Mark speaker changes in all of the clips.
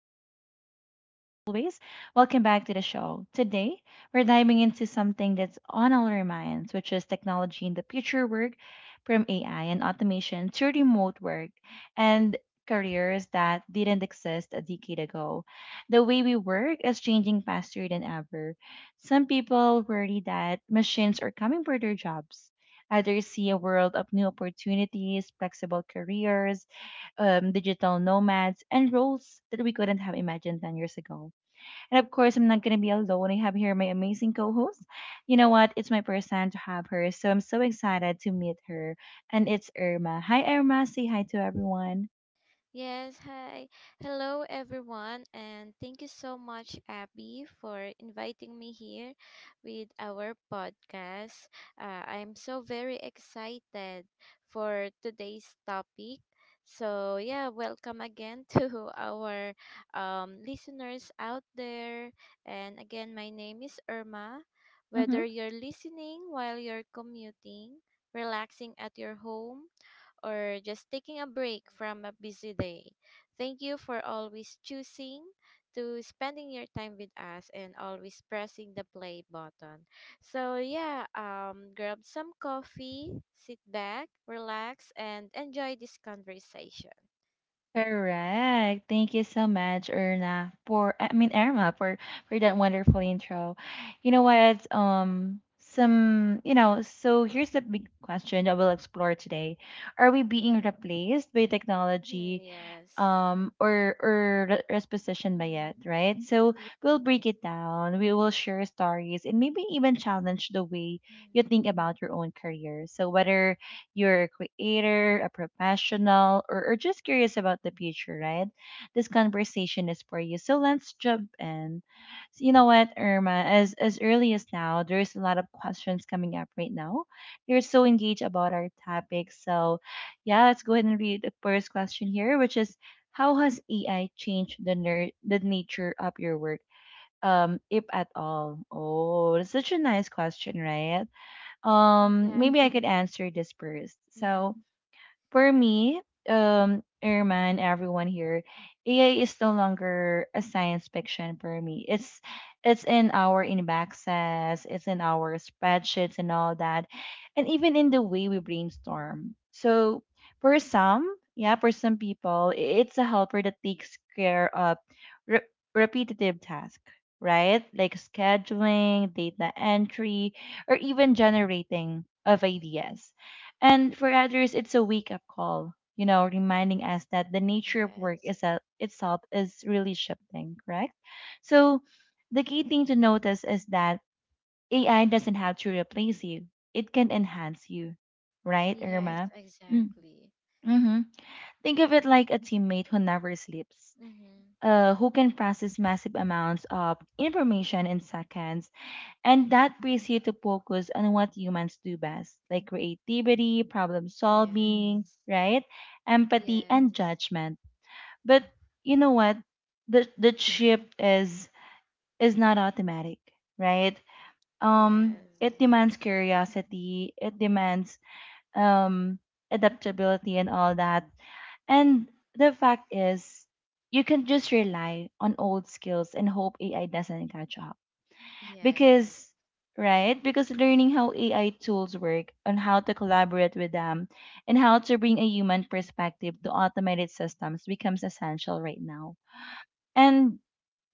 Speaker 1: host Abby again. As always, welcome back to the show. Today, we're diving into something that's on all our minds, which is technology in the future work, from AI and automation to remote work and careers that didn't exist a decade ago. The way we work is changing faster than ever. Some people worry that machines are coming for their jobs. Others see a world of new opportunities, flexible careers, digital nomads, and roles that we couldn't have imagined 10 years ago. And of course, I'm not going to be alone. I have here my amazing co host. You know what? It's my first time to have her, so I'm so excited to meet her. And it's Irma. Hi, Irma. Say hi to everyone.
Speaker 2: Yes, hi. Hello, everyone, and thank you so much, Abby, for inviting me here with our podcast. I'm so very excited for today's topic. So welcome again to our listeners out there. And again, my name is Irma. Whether you're listening while you're commuting, relaxing at your home, or just taking a break from a busy day. Thank you for always choosing to spending your time with us and always pressing the play button. So grab some coffee, sit back, relax and enjoy this conversation.
Speaker 1: Correct. Thank you so much, Erna, for I mean Irma for that wonderful intro. You know what? Some you know. So here's the big question that we'll explore today: are we being replaced by
Speaker 2: Mhm,
Speaker 1: technology,
Speaker 2: yes.
Speaker 1: or resposition by it,
Speaker 2: Mm-hmm.
Speaker 1: right? So we'll break it down, we will share stories and maybe even challenge the way you think about your own career. So whether you're a creator, a professional, or just curious about the future, right, this conversation is for you. So let's jump in. So you know what, Irma, as early as now there's a lot of questions coming up right now. You're so engaged about our topic. So yeah, let's go ahead and read the first question here, which is how has AI changed the the nature of your work, if at all? Oh, that's such a nice question, right?
Speaker 2: Yes. Mhm. Exactly.
Speaker 1: Maybe I could answer this first. So,
Speaker 2: Mm-hmm.
Speaker 1: for me, Irman, everyone here, AI is no longer a science fiction for me. It's in our inboxes, it's in our spreadsheets and all that, and even in the way we brainstorm. So for some, yeah, for some people, it's a helper that takes care of re- repetitive tasks, right? Like scheduling, data entry, or even generating of ideas. And for others, it's a wake up call, you know, reminding us that the nature of work
Speaker 2: Yes.
Speaker 1: itself is really shifting, correct? So the key thing to notice is that AI doesn't have to replace you, it can enhance you, right,
Speaker 2: Yes,
Speaker 1: Irma? Mm.
Speaker 2: exactly.
Speaker 1: Mm-hmm. Think of it like a teammate who never sleeps,
Speaker 2: Mm-hmm.
Speaker 1: who can process massive amounts of information in seconds, and that brings you to focus on what humans do best, like creativity, problem solving,
Speaker 2: Yes.
Speaker 1: right? Empathy and
Speaker 2: Yes.
Speaker 1: judgment. But you know what? The shift is not automatic, right? It
Speaker 2: Yes.
Speaker 1: demands curiosity, it demands um adaptability and all that. And the fact is you can just rely on old skills and hope AI doesn't catch up,
Speaker 2: Yes.
Speaker 1: because right, because learning how AI tools work, on how to collaborate with them and how to bring a human perspective to automated systems becomes essential right now. And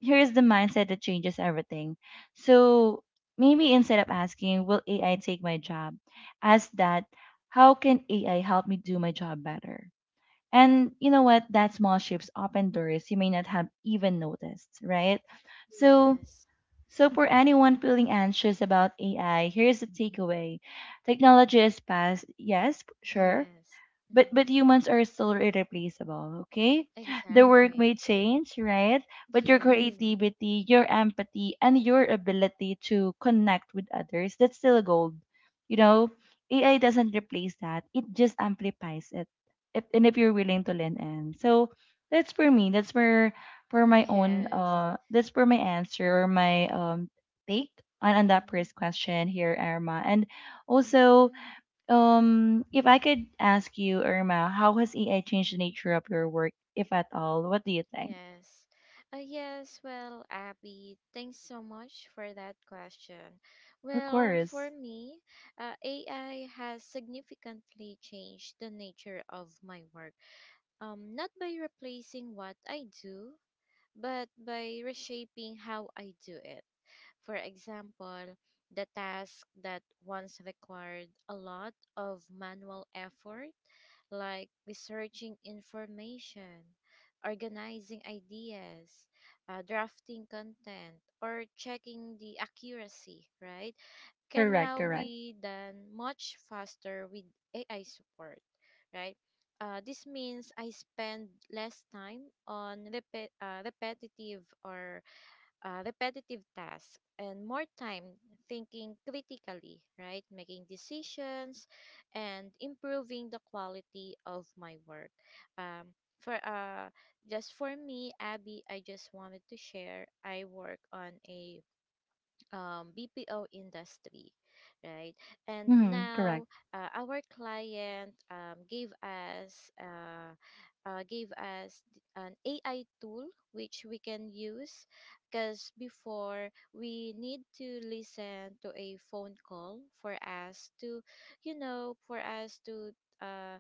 Speaker 1: here's the mindset that changes everything. So maybe instead of asking will AI take my job, ask that how can AI help me do my job better. And you know what, that small shifts open doors you may not have even noticed, right? So
Speaker 2: Yes.
Speaker 1: so, for anyone feeling anxious about AI, here's the takeaway: technology is past, yes, sure,
Speaker 2: Yes. Mm.
Speaker 1: but humans are still irreplaceable, okay? The work may
Speaker 2: Exactly.
Speaker 1: change, right, but your
Speaker 2: Yes.
Speaker 1: creativity, your empathy and your ability to connect with others, that's still gold, you know. AI doesn't replace that, it just amplifies it, if, and if you're willing to lean in. So that's for me, that's for my own
Speaker 2: Yes.
Speaker 1: that's for my answer or my take on that
Speaker 2: Mm.
Speaker 1: first question here, Irma. And also
Speaker 2: Mm.
Speaker 1: if I could ask you, Irma, how has AI changed the
Speaker 2: Mm.
Speaker 1: nature of your work, if at all? What do you think?
Speaker 2: Yes. Yes, well, Abby, thanks so much for that question.
Speaker 1: Of
Speaker 2: Well,
Speaker 1: course.
Speaker 2: for me, AI has significantly changed the nature of my work. Not by replacing what I do, but by reshaping how I do it. For example, the task that once required a lot of manual effort, like researching information, organizing ideas, drafting content, or checking the accuracy, right, can
Speaker 1: Correct,
Speaker 2: now
Speaker 1: correct.
Speaker 2: be done much faster with AI support, right? This means I spend less time on repe- uh, repetitive or repetitive tasks and more time thinking critically, right? Making decisions and improving the quality of my work. For Just for me, Abby, I just wanted to share. I work on a BPO industry, right? And
Speaker 1: Mm-hmm, correct.
Speaker 2: now our client gave us an AI tool which we can use because before we need to listen to a phone call for us to, you know, for us to uh,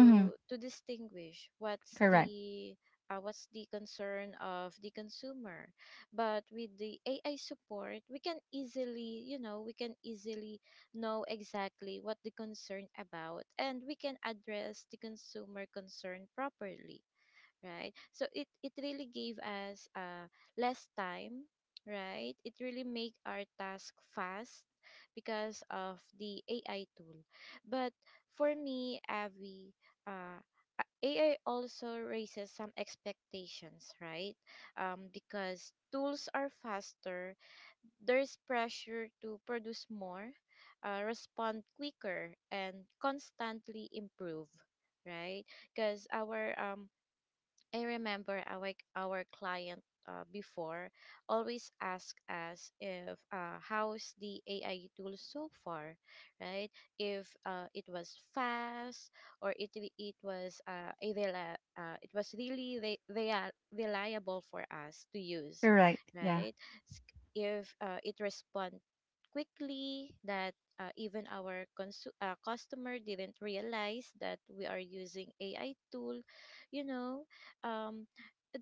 Speaker 1: Mm-hmm,
Speaker 2: to distinguish
Speaker 1: correct,
Speaker 2: what's the concern of the consumer, but with the AI support, we can easily, you know, we can easily know exactly what the concern about, and we can address the consumer concern properly, right? So it really gave us less time, right? It really make our task fast because of the AI tool. But for me, Avi, uh AI also raises some expectations, right? Because tools are faster, there's pressure to produce more, respond quicker, and constantly improve, right? Because our I remember our client before always ask us if how's the AI tool so far, right? If it was fast, or it was it was really reliable for us to use,
Speaker 1: correct. Yeah.
Speaker 2: right? S- If it respond quickly that even our customer didn't realize that we are using AI tool. You know, um,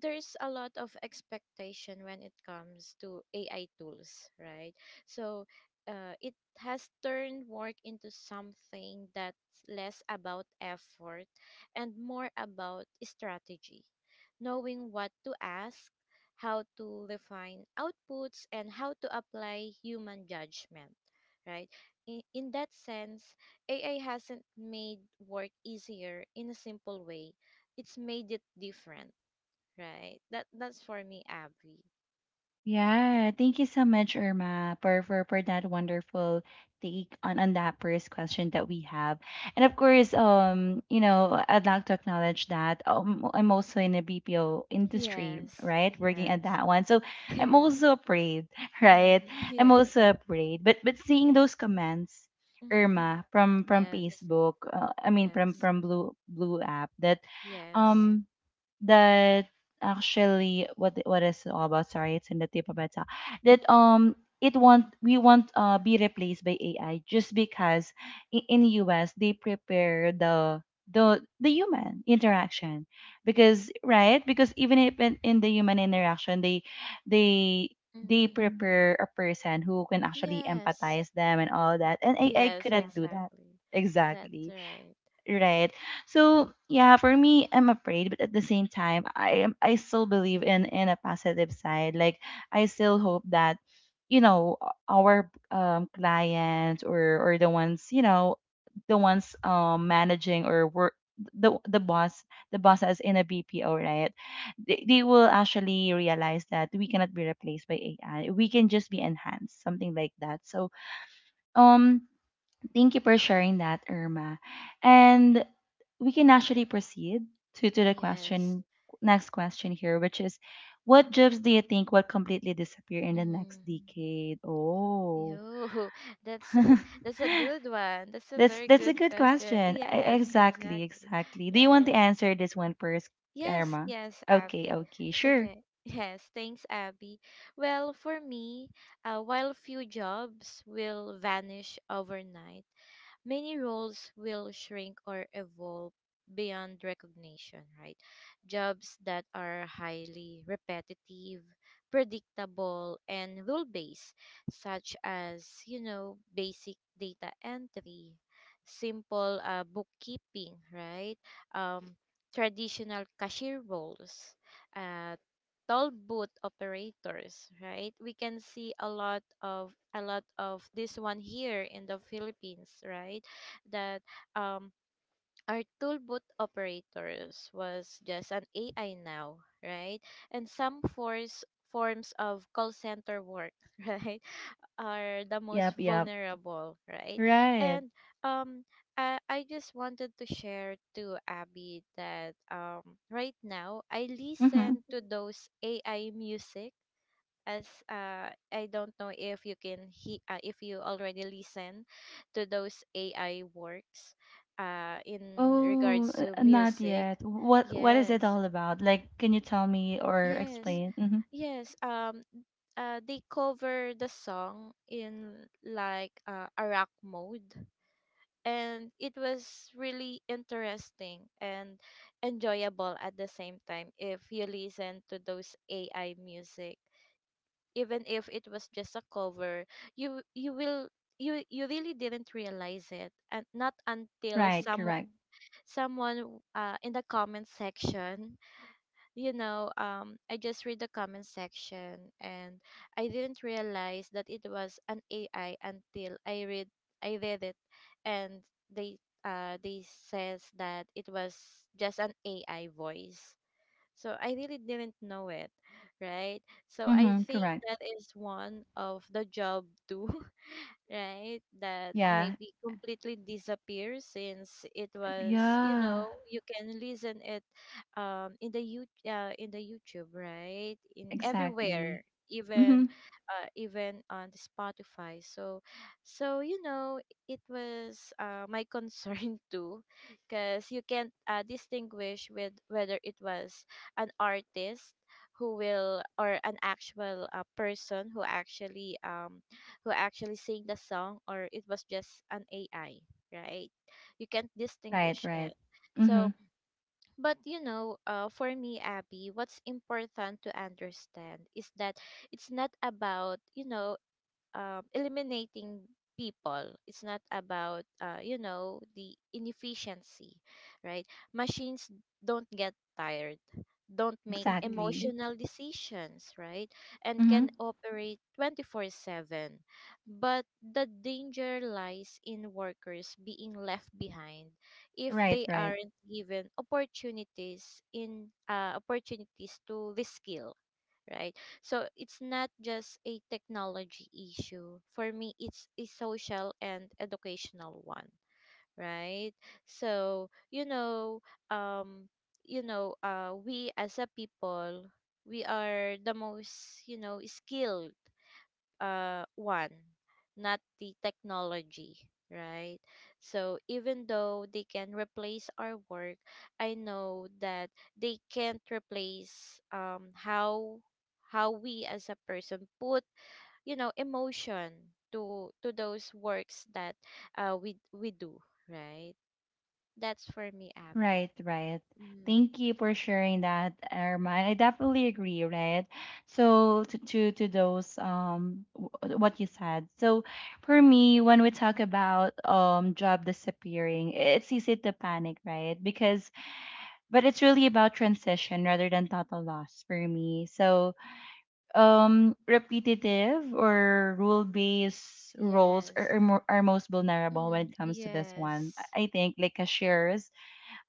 Speaker 2: there's a lot of expectation when it comes to AI tools, right? So it has turned work into something that's less about effort and more about strategy. Knowing what to ask, how to refine outputs, and how to apply human judgment, right? In that sense, AI hasn't made work easier in a simple way. It's made it different, right? That that's for me, Abby.
Speaker 1: Yeah, thank you so much, Irma, for that wonderful take on that first question that we have. And of course, you know, I'd like to acknowledge that I'm also in the BPO industry,
Speaker 2: Yes.
Speaker 1: right? Working
Speaker 2: Yes.
Speaker 1: at that one. So I'm
Speaker 2: Yes.
Speaker 1: also afraid, right?
Speaker 2: Mm,
Speaker 1: I'm also
Speaker 2: yes.
Speaker 1: afraid. But seeing
Speaker 2: Yes.
Speaker 1: those comments,
Speaker 2: Mm,
Speaker 1: Irma, from
Speaker 2: yes.
Speaker 1: Facebook, I mean
Speaker 2: Yes.
Speaker 1: from Blue app that
Speaker 2: Yes.
Speaker 1: um that actually what is it all about, sorry, it's in the tip of my tongue. That it won't, we won't be replaced by AI, just because in US they prepare the human interaction, because right, because even if in, in the human interaction they they
Speaker 2: Mm,
Speaker 1: prepare a person who can actually
Speaker 2: yes.
Speaker 1: empathize them and all that, and AI. Yeah,
Speaker 2: Yes,
Speaker 1: couldn't do that.
Speaker 2: exactly. That's
Speaker 1: Exactly.
Speaker 2: right.
Speaker 1: Right. So yeah, for me, I'm afraid, but at the same time, I still believe in a positive side. Like I still hope that, you know, our clients or the ones, you know, the ones managing or work the boss, the bosses in a BPO, right? They will actually realize that we cannot be replaced by AI. We can just be enhanced, something like that. So um, thank you for sharing that, Irma. And we can actually proceed to the
Speaker 2: Yes.
Speaker 1: question, next question here, which is what jobs do you think will completely disappear in the
Speaker 2: Mm.
Speaker 1: next decade? Oh.
Speaker 2: Yo, that's that's a good one. That's a very
Speaker 1: That's
Speaker 2: good
Speaker 1: a good
Speaker 2: question.
Speaker 1: question.
Speaker 2: Yes,
Speaker 1: Exactly,
Speaker 2: exactly.
Speaker 1: exactly. Do you want
Speaker 2: Right.
Speaker 1: to answer this one first,
Speaker 2: Yes,
Speaker 1: Irma?
Speaker 2: yes, Abby.
Speaker 1: Okay, okay, sure.
Speaker 2: Okay. Yes, thanks, Abby. Well, for me, while few jobs will vanish overnight, many roles will shrink or evolve beyond recognition, right? Jobs that are highly repetitive, predictable, and rule based, such as, you know, basic data entry, simple bookkeeping, right? Um, traditional cashier roles, uh, toll booth operators, right? We can see a lot of this one here in the Philippines, right? That um our toolbot operators was just an AI now, right? And some force forms of call center work, right, are the most
Speaker 1: Yep, yep.
Speaker 2: vulnerable, right?
Speaker 1: Right.
Speaker 2: And um, I just wanted to share to Abby that right now I
Speaker 1: Mm-hmm.
Speaker 2: listen to those AI music, as I don't know if you can he if you already listen to those AI works in
Speaker 1: Oh,
Speaker 2: regards to
Speaker 1: not
Speaker 2: music.
Speaker 1: yet. What is it
Speaker 2: Yes.
Speaker 1: all about? Like, can you tell me or
Speaker 2: Yes.
Speaker 1: explain? Mm-hmm.
Speaker 2: Yes. They cover the song in like a rock mode, and it was really interesting and enjoyable at the same time. If you listen to those AI music, even if it was just a cover, you will you you really didn't realize it, and not until
Speaker 1: Right,
Speaker 2: someone
Speaker 1: correct.
Speaker 2: someone uh, in the comment section. You know, um, I just read the comment section, and I didn't realize that it was an AI until I read it, and they uh they says that it was just an AI voice. So I really didn't know it, right? So I
Speaker 1: Mm-hmm,
Speaker 2: think
Speaker 1: correct.
Speaker 2: that is one of the job too, right? That
Speaker 1: Yeah,
Speaker 2: maybe completely disappears, since it was, you
Speaker 1: Yeah,
Speaker 2: know, you can listen it in the YouTube, right? In
Speaker 1: exactly.
Speaker 2: everywhere,
Speaker 1: Mm-hmm.
Speaker 2: even even on the Spotify. So, so you know, it was my concern, too, because you can't distinguish with whether it was an artist who will, or an actual person who actually sing the song, or it was just an AI, right? You can't
Speaker 1: Right,
Speaker 2: distinguish
Speaker 1: right.
Speaker 2: it. So,
Speaker 1: Mm-hmm.
Speaker 2: but you know, for me, Abby, what's important to understand is that it's not about, you know, eliminating people. It's not about, you know, the inefficiency, right? Machines don't get tired, don't make
Speaker 1: Exactly. Exactly.
Speaker 2: emotional decisions, right? And
Speaker 1: Mm-hmm.
Speaker 2: can operate 24/7. But the danger lies in workers being left behind if
Speaker 1: Right,
Speaker 2: they
Speaker 1: right.
Speaker 2: aren't given opportunities in opportunities to reskill, right? So it's not just a technology issue. For me, it's a social and educational one, right? So, um, you know, we as a people, we are the most, you know, skilled one, not the technology, right? So even though they can replace our work, I know that they can't replace, how we as a person put, you know, emotion to those works that we do, right? That's for me, Abby.
Speaker 1: Right, right.
Speaker 2: Mm,
Speaker 1: Thank you for sharing that, Arman. I definitely agree, right? So to those what you said. So for me, when we talk about job disappearing, it's easy to panic, right? Because but it's really about transition rather than total loss for me. So repetitive or rule-based roles
Speaker 2: yes.
Speaker 1: are most vulnerable when
Speaker 2: Mm,
Speaker 1: it comes to this one.
Speaker 2: yes.
Speaker 1: I think like cashiers,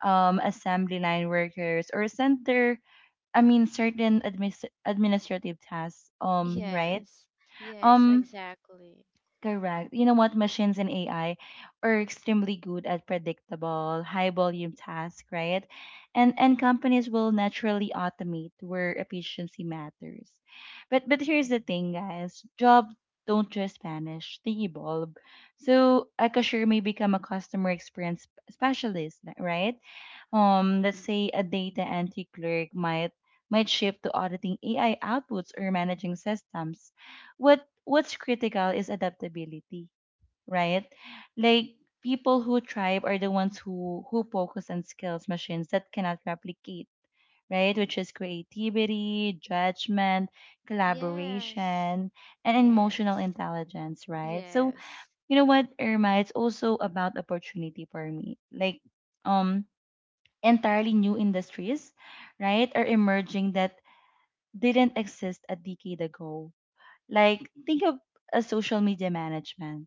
Speaker 1: assembly line workers, or center. I mean, certain administrative tasks. Right.
Speaker 2: Yes. Yes,
Speaker 1: Um,
Speaker 2: exactly.
Speaker 1: Correct. You know what? Machines and AI are extremely good at predictable, high volume tasks, right? And companies will naturally automate where efficiency matters. But here's the thing, guys. Jobs don't just vanish, they evolve. So a cashier may become a customer experience specialist, right? Let's say a data entry clerk might shift to auditing AI outputs or managing systems. What what's critical is adaptability, right? Like people who thrive are the ones who focus on skills machines that cannot replicate, right? Which is creativity, judgment,
Speaker 2: Yes.
Speaker 1: collaboration, and emotional
Speaker 2: Yes.
Speaker 1: intelligence, right? So
Speaker 2: Yes.
Speaker 1: you know what, Irma, it's also about opportunity for me. Like um entirely new industries, right, are emerging that didn't exist a decade ago. Like think of a social media management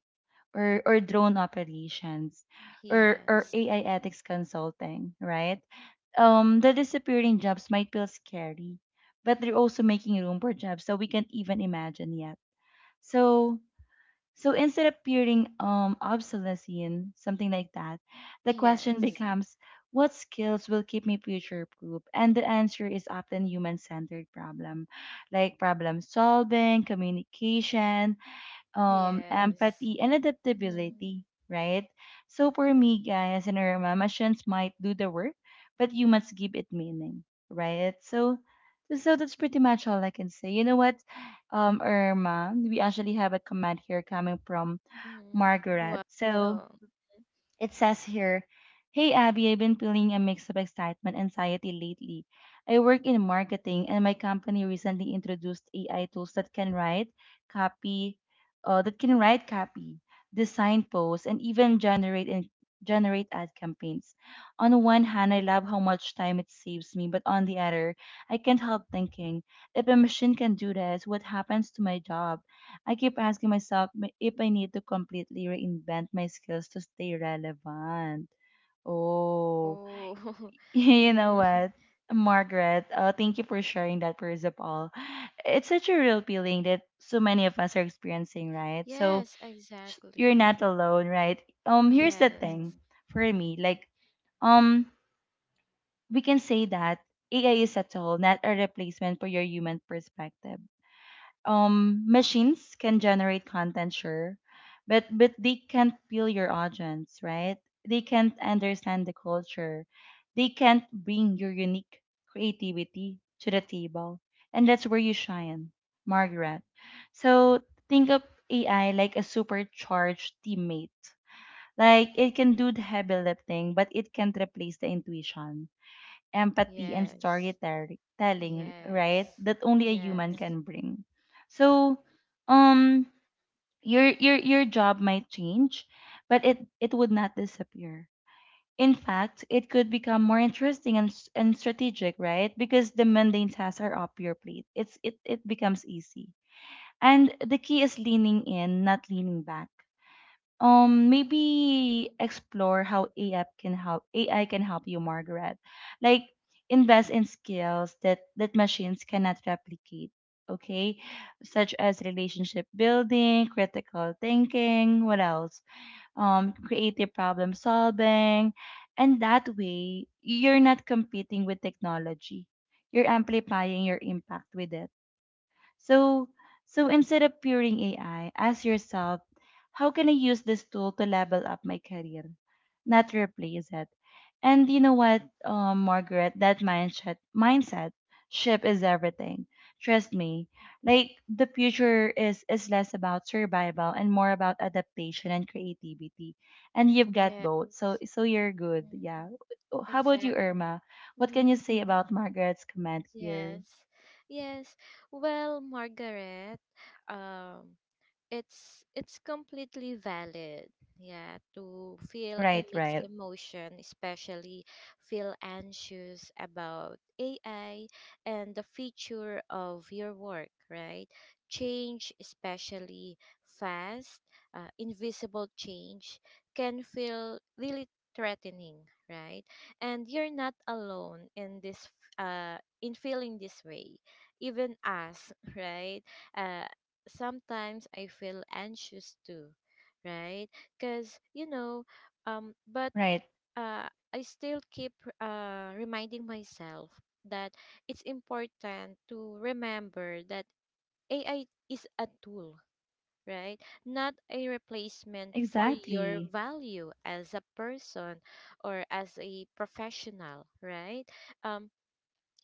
Speaker 1: or drone operations or
Speaker 2: Yes.
Speaker 1: AI ethics consulting, right? The disappearing jobs might feel scary, but they're also making room for jobs that we can't even imagine yet. So so instead of appearing obsolescent, something like that, the question
Speaker 2: Yes.
Speaker 1: becomes, what skills will keep me future proof? And the answer is often human centered problem solving, communication,
Speaker 2: Yes.
Speaker 1: empathy, and
Speaker 2: Mm-hmm.
Speaker 1: adaptability, right? So for me, guys, and Irma, machines might do the work, but you must give it meaning, right? So, so that's pretty much all I can say. You know what, Irma, we actually have a comment here coming from
Speaker 2: Mm-hmm.
Speaker 1: Margaret.
Speaker 2: Wow.
Speaker 1: So
Speaker 2: Mhm.
Speaker 1: it says here, hey Abby, I've been feeling a mix of excitement and anxiety lately. I work in marketing and my company recently introduced AI tools that can write copy, that can write copy, design posts, and generate ad campaigns. On one hand, I love how much time it saves me, but on the other, I can't help thinking, if a machine can do this, what happens to my job? I keep asking myself if I need to completely reinvent my skills to stay relevant. Oh,
Speaker 2: Oh.
Speaker 1: you know
Speaker 2: Mm.
Speaker 1: what, Margaret? Thank you for sharing that, first of all. It's such a real feeling that so many of us are experiencing, right? So
Speaker 2: Yes,
Speaker 1: you're
Speaker 2: exactly.
Speaker 1: not alone, right? Here's the thing
Speaker 2: Yes.
Speaker 1: for me, like, um, we can say that AI is a tool, not a replacement for your human perspective. Machines can generate content, sure, but they can't feel your audience, right? They can't understand the culture, they can't bring your unique creativity to the table, and that's where you shine, Margaret. So think of AI like a supercharged teammate. Like, it can do the heavy lifting, but it can't replace the intuition, empathy, and
Speaker 2: Yes.
Speaker 1: storytelling, right?
Speaker 2: Yes.
Speaker 1: That only a human
Speaker 2: Yes.
Speaker 1: can bring. So, um, your job might change, but it would not disappear. In fact, it could become more interesting and and strategic, right? Because the mundane tasks are up your plate. It's it becomes easy, and the key is leaning in, not leaning back. Maybe explore how AI can help you, Margaret. Like, invest in skills that machines cannot replicate. Okay, such as relationship building, critical thinking, what else? Creative problem solving, and that way you're not competing with technology. You're amplifying your impact with it. So, instead of peering AI, ask yourself, how can I use this tool to level up my career, not replace it? And you know what, Margaret, that mindset shift is everything. Trust me, like the future is less about survival and more about adaptation and creativity. And you've got
Speaker 2: Yes.
Speaker 1: both, so you're good.
Speaker 2: Mm.
Speaker 1: Yeah. Oh, how about you,
Speaker 2: Exactly.
Speaker 1: Irma? What
Speaker 2: Mhm.
Speaker 1: can you say about Margaret's comment here?
Speaker 2: Yes. Yes. Well, Margaret, um, it's completely valid, yeah, to feel a
Speaker 1: Right,
Speaker 2: mixed
Speaker 1: right,
Speaker 2: emotion, especially feel anxious about AI and the future of your work, right? Change, especially fast, invisible change, can feel really threatening, right? And you're not alone in this, in feeling this way, even us, right? uh Sometimes I feel anxious too, right? Because, you know, but
Speaker 1: right.
Speaker 2: uh, I still keep reminding myself that it's important to remember that AI is a tool, right? Not a replacement for your
Speaker 1: Exactly.
Speaker 2: value as a person or as a professional, right? Um,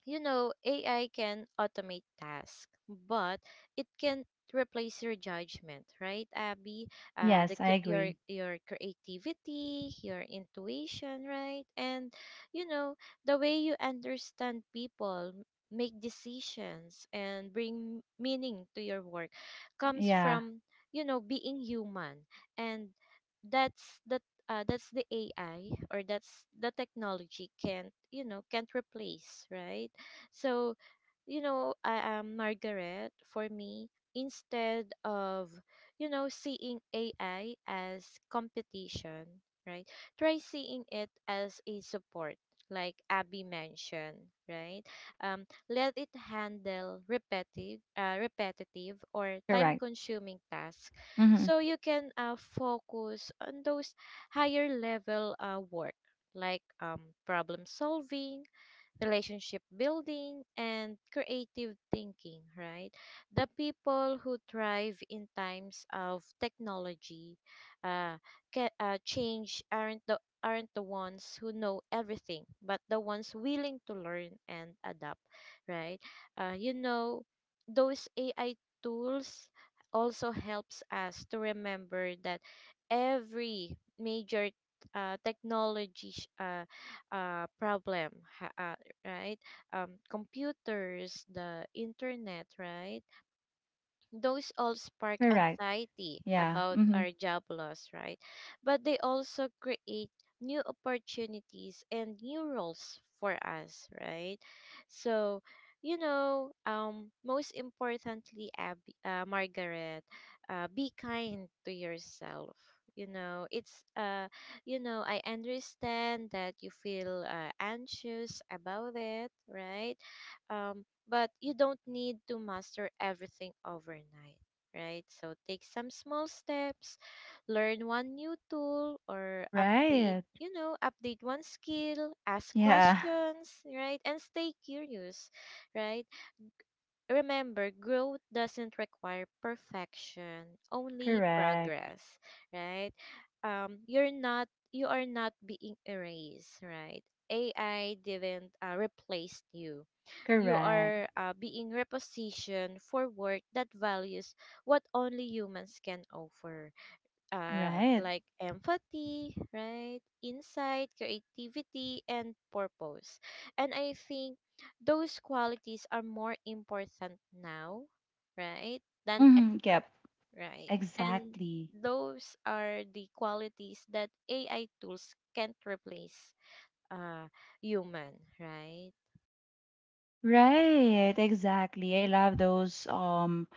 Speaker 2: you know, AI can automate tasks, but it can replace your judgment, right, Abby? The
Speaker 1: Yes, I
Speaker 2: cr-
Speaker 1: agree.
Speaker 2: your creativity, your intuition, right, and you know, the way you understand people, make decisions, and bring meaning to your work comes
Speaker 1: Yeah,
Speaker 2: from, you know, being human, and that's the uh, that's the AI, or that's the technology can't, you know, can't replace, right? So, you know, I am Margaret. For me, instead of, you know, seeing AI as competition, right? Try seeing it as a support, like Abby mentioned, right? Let it handle repetitive, or
Speaker 1: correct.
Speaker 2: time-consuming tasks,
Speaker 1: Mm-hmm.
Speaker 2: so you can focus on those higher level work, like problem solving, relationship building, and creative thinking, right? The people who thrive in times of technology uh, change aren't the ones who know everything, but the ones willing to learn and adapt, right? Uh, you know, those AI tools also helps us to remember that every major technology sh- problem ha- right? Computers, the internet, right? Those all spark
Speaker 1: Correct.
Speaker 2: anxiety
Speaker 1: Yeah.
Speaker 2: about
Speaker 1: Mm-hmm.
Speaker 2: our job loss, right? But they also create new opportunities and new roles for us, right? So, you know, most importantly, Margaret, be kind to yourself. You know, it's you know, I understand that you feel anxious about it, right? Um, but you don't need to master everything overnight, right? So take some small steps, learn one new tool or update,
Speaker 1: Right.
Speaker 2: you know, update one skill, ask
Speaker 1: Yeah.
Speaker 2: questions, right? And stay curious, right? Remember, growth doesn't require perfection, only
Speaker 1: Correct.
Speaker 2: progress, right? Um, you are not being erased, right? AI didn't replace you. You
Speaker 1: Correct.
Speaker 2: are being repositioned for work that values what only humans can offer,
Speaker 1: Right.
Speaker 2: like empathy, right? Insight, creativity, and purpose. And I think those qualities are more important now, right? Than
Speaker 1: Mm-hmm.
Speaker 2: ever,
Speaker 1: Yep.
Speaker 2: right? And
Speaker 1: Exactly.
Speaker 2: those are the qualities that AI tools can't replace uh human, right?
Speaker 1: Right. Exactly. I love those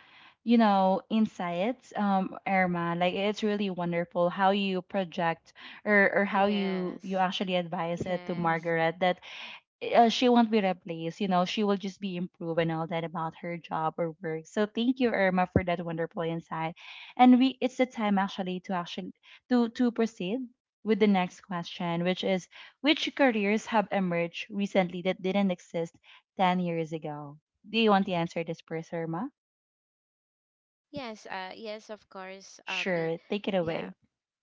Speaker 1: you know, insights, Irma. Like, it's really wonderful how you project or how you
Speaker 2: Yes.
Speaker 1: actually advise it to
Speaker 2: Yes.
Speaker 1: Margaret that she won't be replaced. You know, she will just be improved and all that about her job or work. So thank you, Irma, for that wonderful insight. And we, it's the time actually to actually to proceed with the next question, which is which careers have emerged recently that didn't exist 10 years ago? Do you want to answer this first, Irma?
Speaker 2: Yes, of course, Abby.
Speaker 1: Sure, take it
Speaker 2: Yeah.
Speaker 1: away.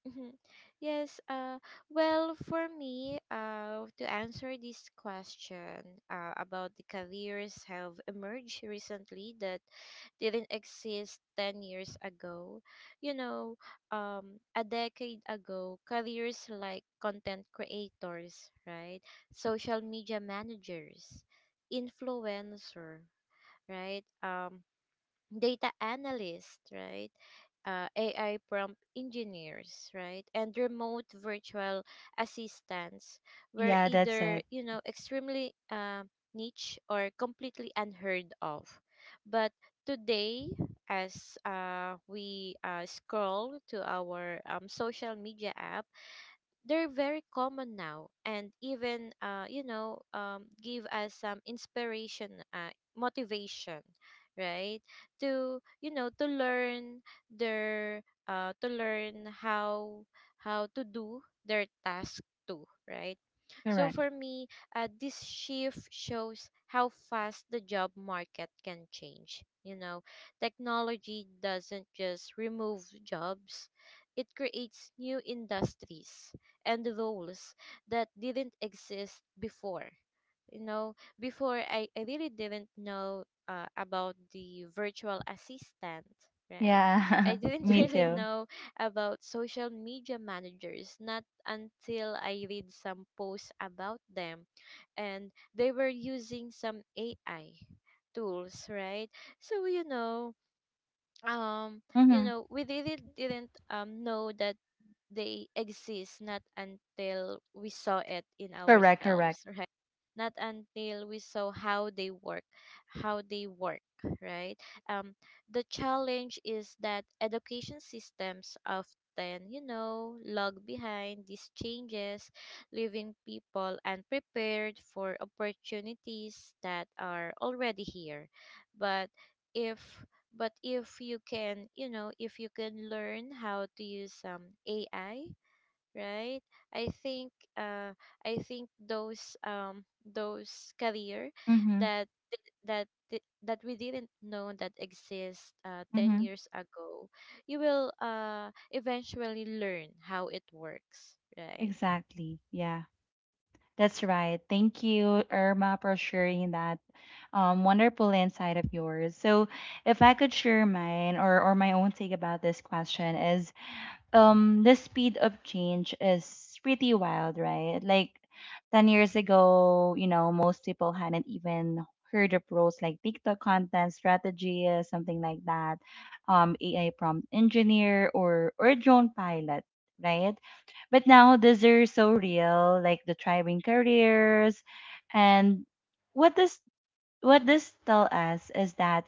Speaker 2: Mhm. Yes, uh, well, for me, to answer this question about the careers have emerged recently that didn't exist 10 years ago. You know, a decade ago, careers like content creators, right? Social media managers, influencer, right? Data analysts, right? AI prompt engineers, right? And remote virtual assistants were
Speaker 1: Yeah, that's
Speaker 2: either,
Speaker 1: it.
Speaker 2: extremely niche or completely unheard of. But today, as we scroll to our social media apps, they're very common now, and even, give us some inspiration, motivation, right? To to learn their to learn how to do their task too, right? So
Speaker 1: Correct.
Speaker 2: for me, this shift shows how fast the job market can change. You know, technology doesn't just remove jobs, it creates new industries and roles that didn't exist before. You know before i, I really didn't know about the virtual assistant, right?
Speaker 1: Yeah,
Speaker 2: I didn't
Speaker 1: me
Speaker 2: really
Speaker 1: too.
Speaker 2: know about social media managers, not until I read some posts about them, and they were using some AI tools, right? So, um
Speaker 1: Mm-hmm.
Speaker 2: we really didn't know that they exist, not until we saw it in
Speaker 1: Correct. Correct.
Speaker 2: ourselves, right? Not until we saw how they work, how they work right? um the challenge is that education systems often, lag behind these changes, leaving people unprepared for opportunities that are already here. But if but if you can, learn how to use AI, right? I think uh i think those career,
Speaker 1: Mm-hmm.
Speaker 2: that that we didn't know that exist 10
Speaker 1: Mm-hmm.
Speaker 2: years ago, you will eventually learn how it works, right?
Speaker 1: Exactly. Yeah. That's right. Thank you, Irma, for sharing that wonderful insight of yours. So, if I could share mine or my own take about this question is, the speed of change is pretty wild, right? Like, 10 years ago, you know, most people hadn't even heard of roles like TikTok content strategy, something like that, AI prompt engineer, or drone pilot, right? But now these are so real, like the thriving careers. And what this what this tell us is that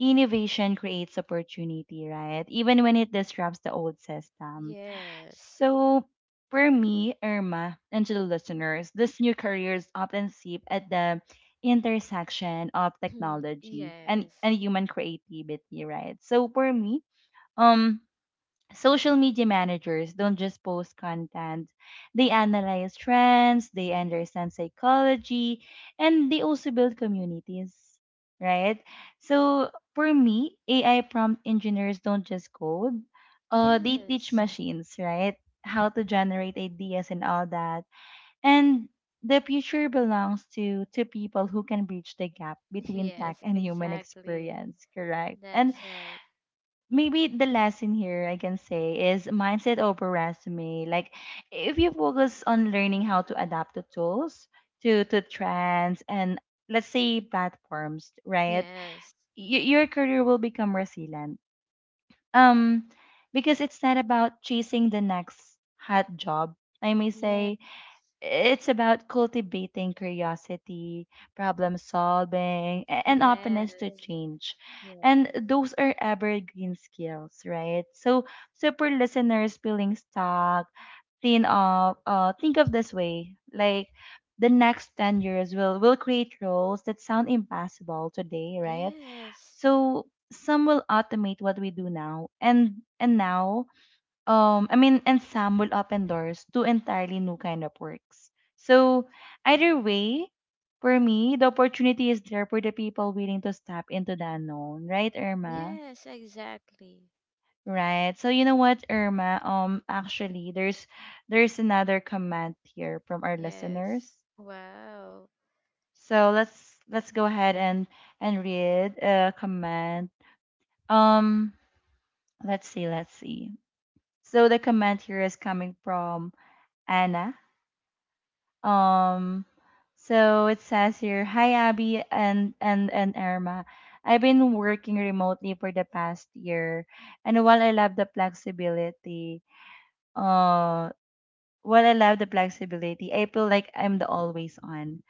Speaker 1: innovation creates opportunity, right? Even when it disrupts the old system.
Speaker 2: Yes.
Speaker 1: So for me, Irma, and to the listeners, these new careers often sit at the intersection of technology and,
Speaker 2: Yes,
Speaker 1: human creativity, right? So for me, um social media managers don't just post content, they analyze trends, they understand psychology, and they also build communities, right? So for me, AI prompt engineers don't just code, they teach
Speaker 2: yes.
Speaker 1: machines, right? How to generate ideas and all that. And the future belongs to people who can bridge the gap between tech
Speaker 2: Yes,
Speaker 1: and human
Speaker 2: exactly.
Speaker 1: experience, correct? And
Speaker 2: That's right.
Speaker 1: maybe the lesson here I can say is mindset over resume. Like, if you focus on learning how to adapt the tools to trends and, let's say, platforms, right?
Speaker 2: Yes.
Speaker 1: Your career will become resilient. Um, because it's not about chasing the next hot job. I may
Speaker 2: Yes.
Speaker 1: say it's about cultivating curiosity, problem solving, and openness to
Speaker 2: Yes.
Speaker 1: change.
Speaker 2: Yes.
Speaker 1: And those are evergreen skills, right? So, so for listeners feeling stuck, think of this way, like the next 10 years will create roles that sound impossible today, right?
Speaker 2: Yes.
Speaker 1: So some will automate what we do now, and now I mean, and some will open doors to entirely new kind of works. So either
Speaker 2: Mhm.
Speaker 1: way, for me, the opportunity is there for the people willing to step into the unknown, right, Irma?
Speaker 2: Yes, exactly.
Speaker 1: Right. So you know what, Irma? Actually, there's another comment here from our listeners.
Speaker 2: Yes. Wow.
Speaker 1: So let's go ahead and read a comment. Um let's see, let's see. So the comment here is coming from Anna. Um, so it says here, "Hi Abby and Irma. I've been working remotely for the past year, and while I love the flexibility, uh, I feel like I'm the always on.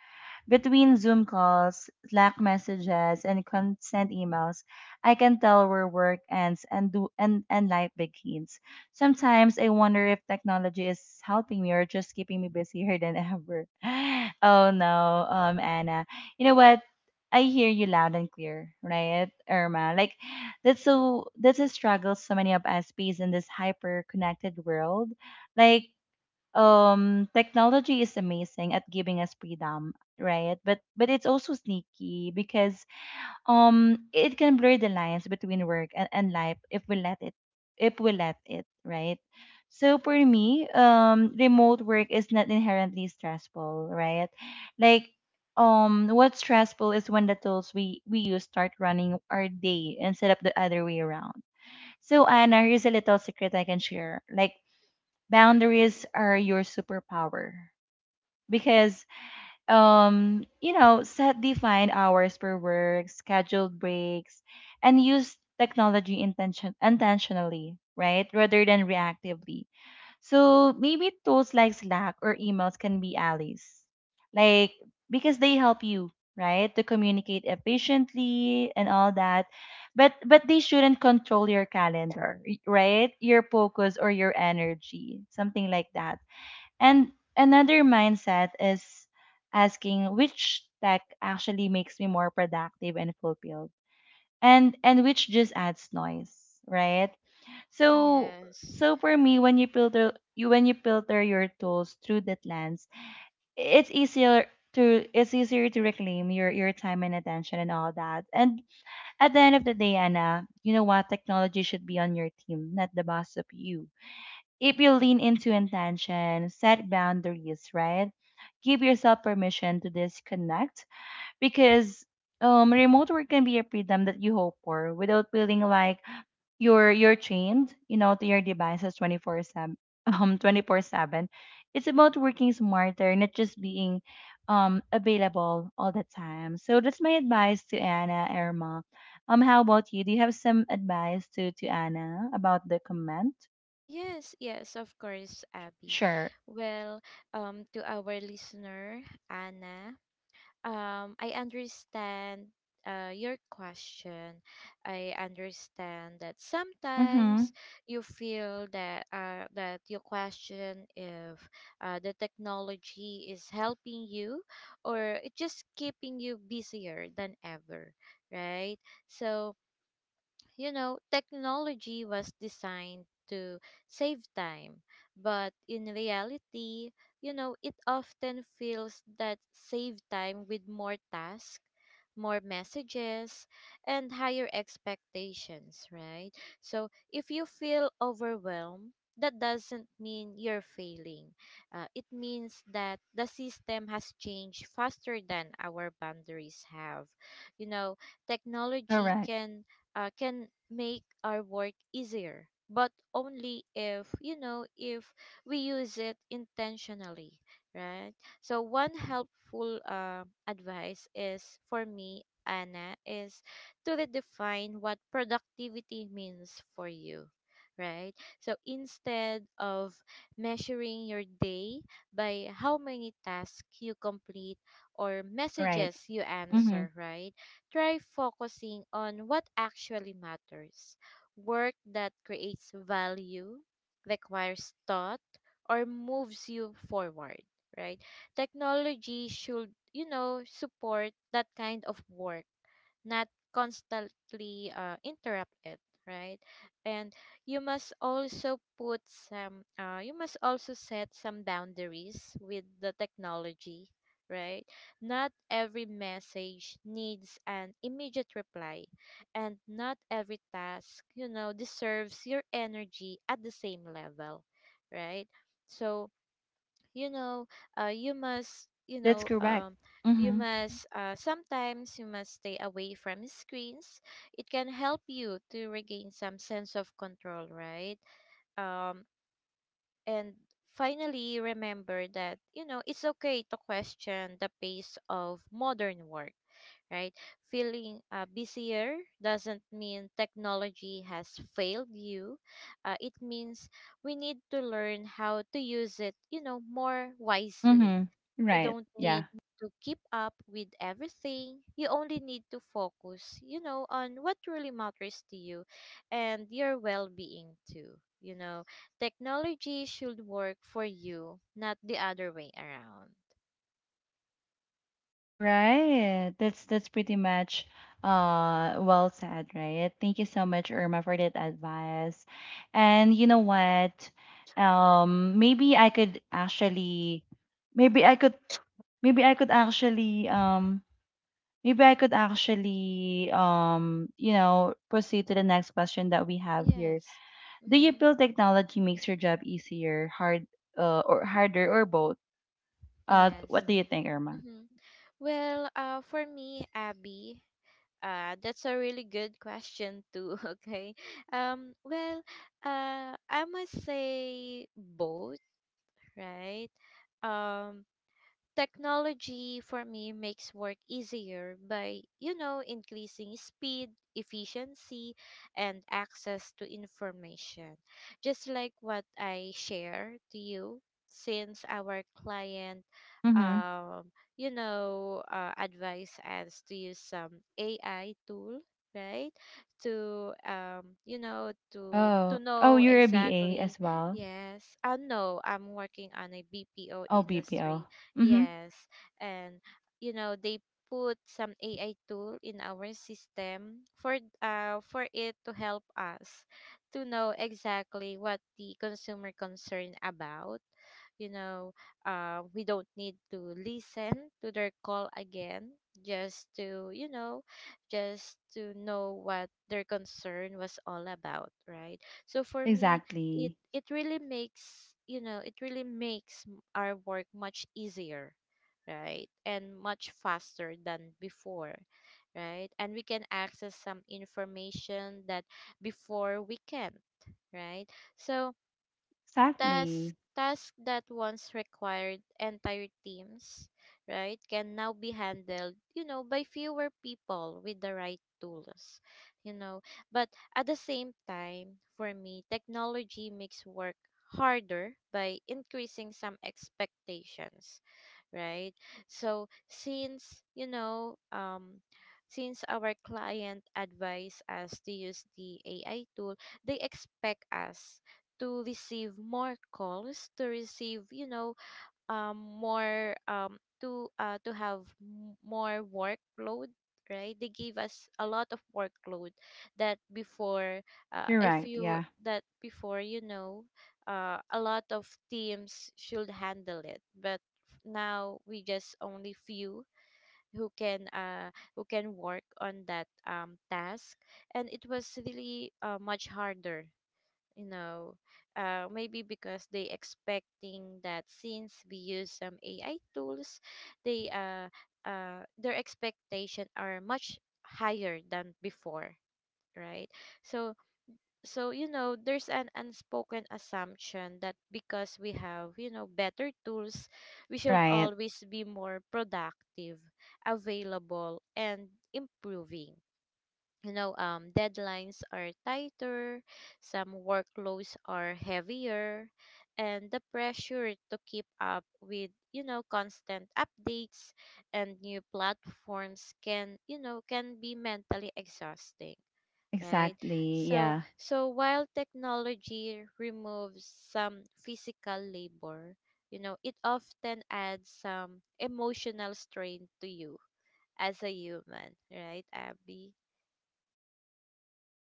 Speaker 1: Between Zoom calls, Slack messages, and consent emails, I can tell where work ends and and life begins. Sometimes I wonder if technology is helping me or just keeping me busier than ever. Oh no, Anna. You know what? I hear you loud and clear, right, Irma? Like, that's a struggle so many of us face in this hyper connected world. Like, technology is amazing at giving us freedom, right? But it's also sneaky because it can blur the lines between work and, life if we let it, right? So for me, remote work is not inherently stressful, right? Like, what's stressful is when the tools we use start running our day instead of the other way around. So, Anna, here's a little secret I can share. Like, boundaries are your superpower, because you know, set defined hours per work, scheduled breaks, and use technology intentionally, right? Rather than reactively. So maybe tools like Slack or emails can be allies, like, because they help you, right? To communicate efficiently and all that. But they shouldn't control your calendar, right? Your focus or your energy, something like that. And another mindset is asking which tech actually makes me more productive and fulfilled, and which just adds noise, right? So
Speaker 2: Yes.
Speaker 1: for me, when you filter you when you filter your tools through that lens, it's easier it's easier to reclaim your time and attention and all that. And at the end of the day, Anna, you know what? Technology should be on your team, not the boss of you. If you lean into intention, set boundaries, right? Give yourself permission to disconnect, because remote work can be a freedom that you hope for without feeling like you're chained, you know, to your devices 24/7. 24/7. It's about working smarter, not just being available all the time. So that's my advice to Anna, Irma. How about you? Do you have some advice to Anna about the comment?
Speaker 2: Yes, yes, of course, Abby.
Speaker 1: Sure.
Speaker 2: Well, to our listener, Anna. I understand your question. I understand that
Speaker 1: Mm-hmm.
Speaker 2: sometimes you feel that, you question if, the technology is helping you or it just keeping you busier than ever, right? So, technology was designed to save time, but in reality, it often feels that save time with more tasks, more messages, and higher expectations, right? So if you feel overwhelmed, that doesn't mean you're failing. It means that the system has changed faster than our boundaries have. You know, technology
Speaker 1: Correct.
Speaker 2: can make our work easier, but only if, if we use it intentionally, right? So one helpful advice is, for me, Anna, is to redefine what productivity means for you, right? So instead of measuring your day by how many tasks you complete or
Speaker 1: Right.
Speaker 2: messages you
Speaker 1: Mm-hmm.
Speaker 2: answer, right? Try focusing on what actually matters: work that creates value, requires thought, or moves you forward, right? Technology should, support that kind of work, not constantly interrupt it, right? And you must also set some boundaries with the technology, right? Not every message needs an immediate reply, and not every task, deserves your energy at the same level, right? So you know uh, you must you
Speaker 1: That's
Speaker 2: know
Speaker 1: correct.
Speaker 2: um, you
Speaker 1: Mm-hmm.
Speaker 2: must sometimes you must stay away from screens. It can help you to regain some sense of control, right? Um, and finally, remember that, it's okay to question the pace of modern work, right? Feeling busier doesn't mean technology has failed you. It means we need to learn how to use it, more wisely.
Speaker 1: Mm-hmm.
Speaker 2: You
Speaker 1: Right.
Speaker 2: don't
Speaker 1: Yeah.
Speaker 2: need to keep up with everything. You only need to focus, on what really matters to you and your well being too. Technology should work for you, not the other way around.
Speaker 1: Right. That's pretty much well said, right? Thank you so much, Irma, for that advice. And you know what? Um maybe I could actually maybe I could Maybe I could actually, you know, proceed to the next question that we have here.
Speaker 2: Yes.
Speaker 1: Do you
Speaker 2: Mm-hmm.
Speaker 1: feel technology makes your job easier, or harder, or both?
Speaker 2: Yes.
Speaker 1: What do you think, Irma?
Speaker 2: Mm-hmm. Well, for me, Abby, that's a really good question too. Okay. Well, I must say both, right? Um, technology for me makes work easier by, increasing speed, efficiency, and access to information. Just like what I share to you, since our client,
Speaker 1: Mm-hmm.
Speaker 2: advised us to use some AI tool, right? To
Speaker 1: Oh, oh,
Speaker 2: know
Speaker 1: you're a BA
Speaker 2: exactly.
Speaker 1: as well.
Speaker 2: Yes, I know I'm working on a BPO
Speaker 1: Oh, BPO.
Speaker 2: industry.
Speaker 1: Mm-hmm.
Speaker 2: Yes, and they put some AI tool in our system, for it to help us to know exactly what the consumer concern about. You know, we don't need to listen to their call again, just to know what their concern was all about, right? So for me, it
Speaker 1: Exactly.
Speaker 2: it really makes you know it really makes our work much easier, right? And much faster than before, right? And we can access some information that before we can't, right? So Tasks
Speaker 1: Exactly.
Speaker 2: task that once required entire teams, right, can now be handled, by fewer people with the right tools, you know. But at the same time, for me, technology makes work harder by increasing some expectations, right? So, since you know since our client advised us to use the AI tool, they expect us to receive more calls, to receive, more, to have more workload, right? They gave us a lot of workload that before, if
Speaker 1: Correct.
Speaker 2: you
Speaker 1: Yeah.
Speaker 2: that before you know a lot of teams should handle it, but now we just only few who can, who can work on that task. And it was really much harder, you know maybe because they expecting that since we use some AI tools, they their expectation are much higher than before, right? So so you know there's an unspoken assumption that, because we have, better tools, we should
Speaker 1: Right.
Speaker 2: always be more productive, available, and improving. Deadlines are tighter, some workloads are heavier, and the pressure to keep up with, constant updates and new platforms, can you know can be mentally exhausting, right?
Speaker 1: Exactly.
Speaker 2: so
Speaker 1: Yeah.
Speaker 2: so while technology removes some physical labor, it often adds some emotional strain to you as a human, right, Abby?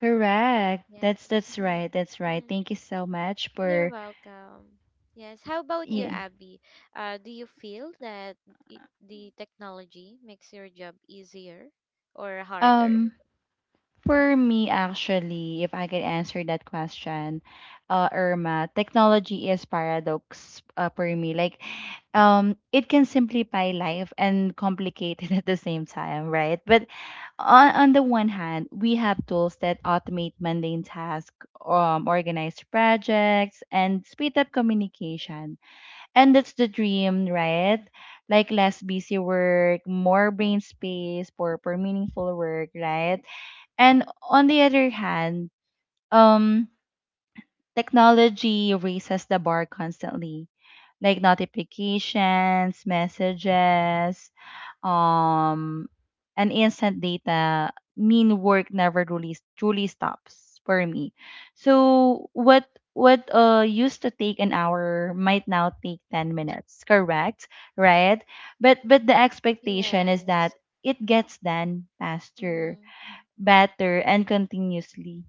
Speaker 1: Correct. That's
Speaker 2: Yes. Mm-hmm.
Speaker 1: right. That's right.
Speaker 2: Mm-hmm.
Speaker 1: Thank you so much
Speaker 2: You're
Speaker 1: for
Speaker 2: welcome. Yes. How about you,
Speaker 1: yeah.
Speaker 2: Abby? Do you feel that, i- the technology makes your job easier or harder?
Speaker 1: Um. For me, actually, if I could answer that question, Irma, technology is paradox for me. Like, it can simplify life and complicate it at the same time, right? But on the one hand, we have tools that automate mundane tasks, organize projects, and speed up communication. And that's the dream, right? Like, less busy work, more brain space for, meaningful work, right? And on the other hand, um, technology raises the bar constantly, like notifications, messages, um, and instant data mean work never really truly stops for me. So what used to take an hour might now take 10 minutes, correct? Right? But the expectation is
Speaker 2: Yes.
Speaker 1: that it gets done faster,
Speaker 2: Mm-hmm.
Speaker 1: better, and continuously.